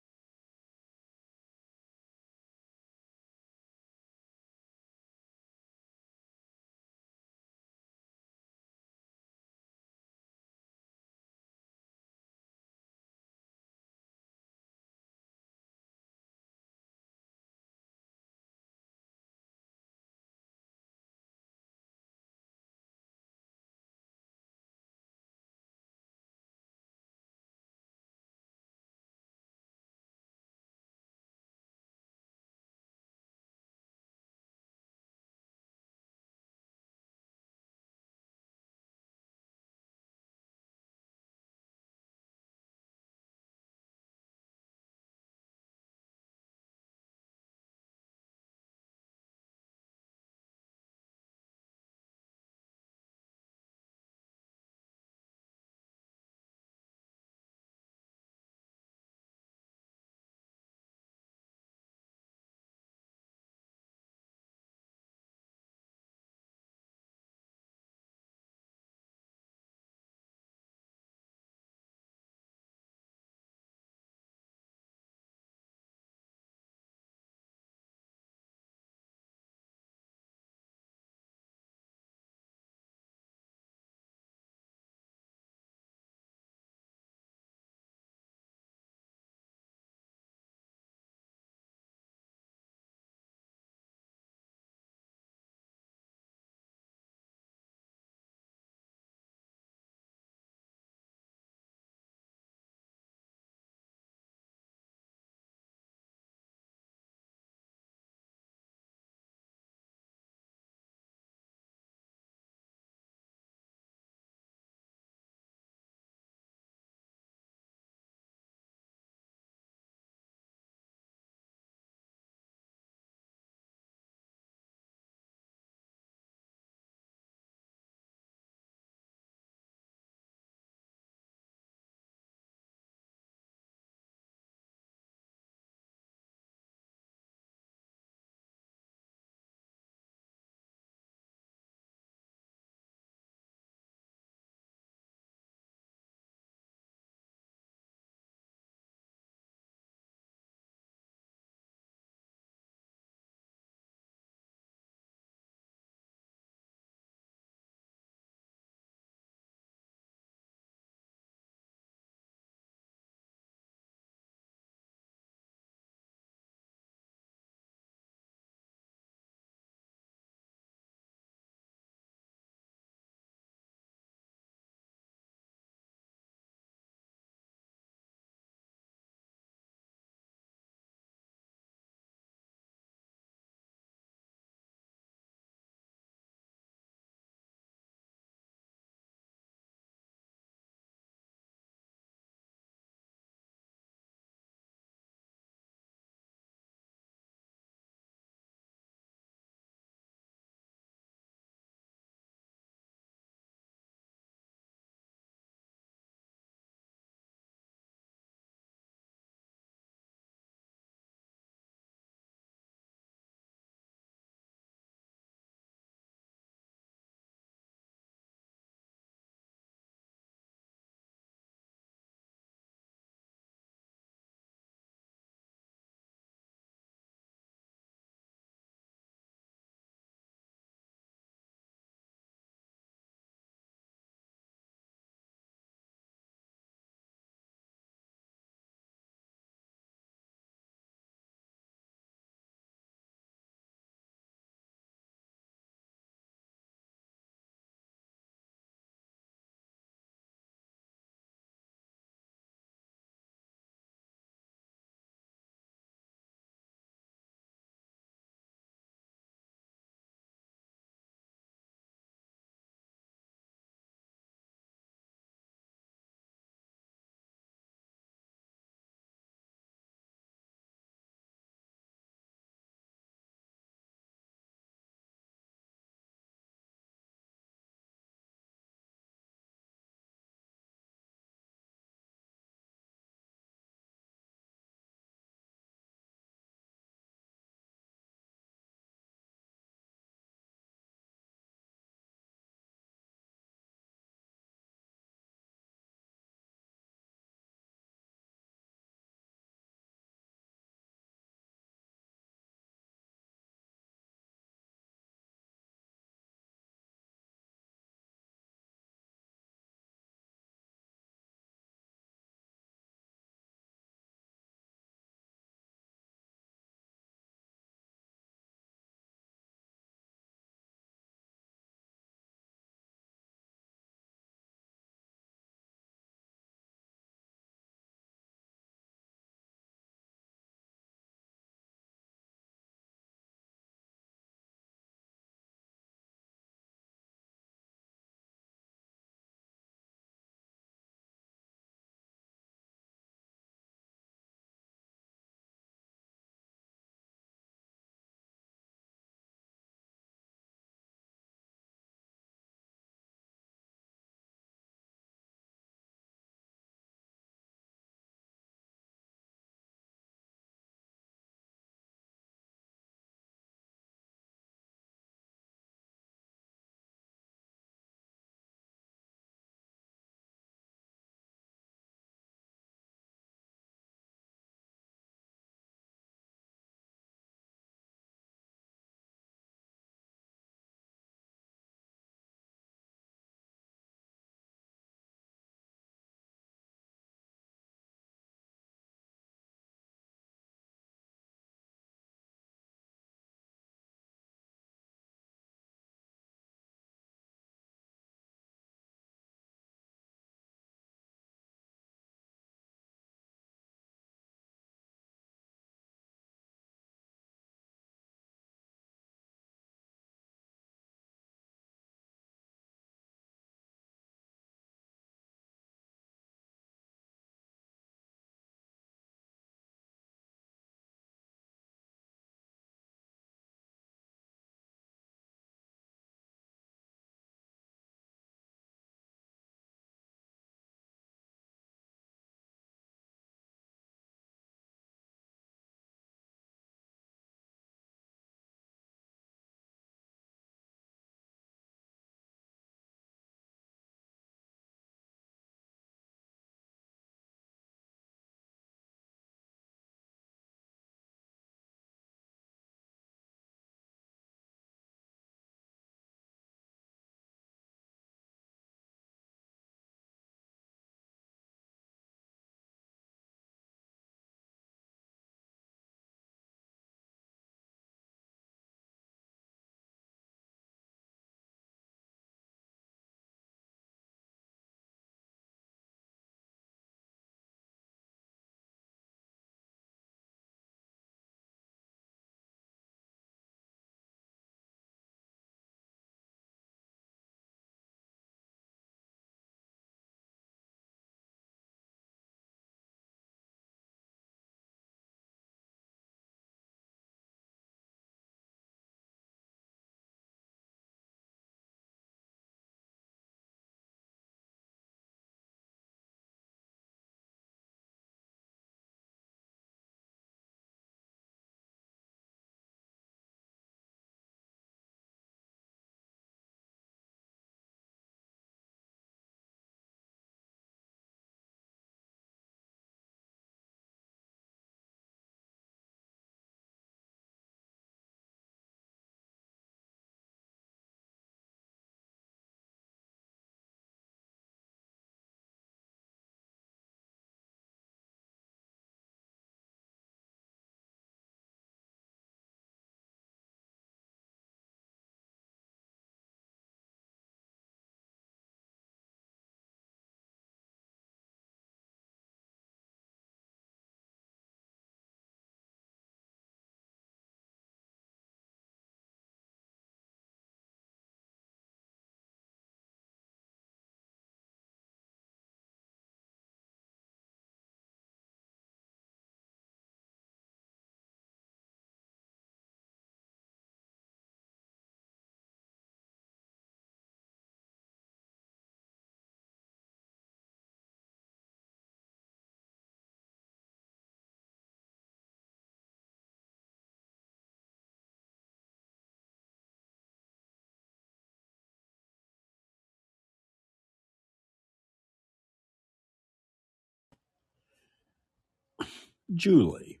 Speaker 1: Julie,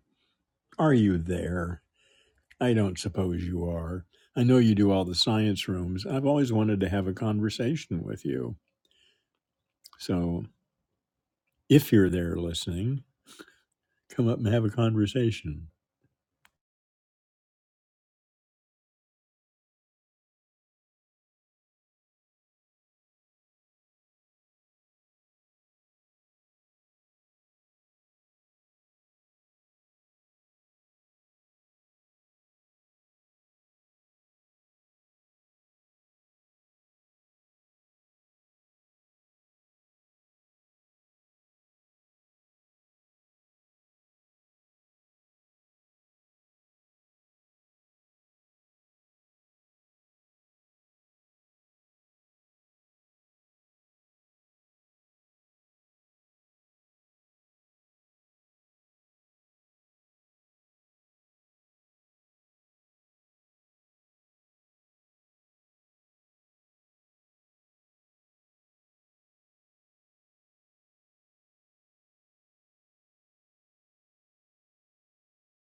Speaker 1: are you there? I don't suppose you are. I know you do all the science rooms. I've always wanted to have a conversation with you. So, if you're there listening, come up and have a conversation.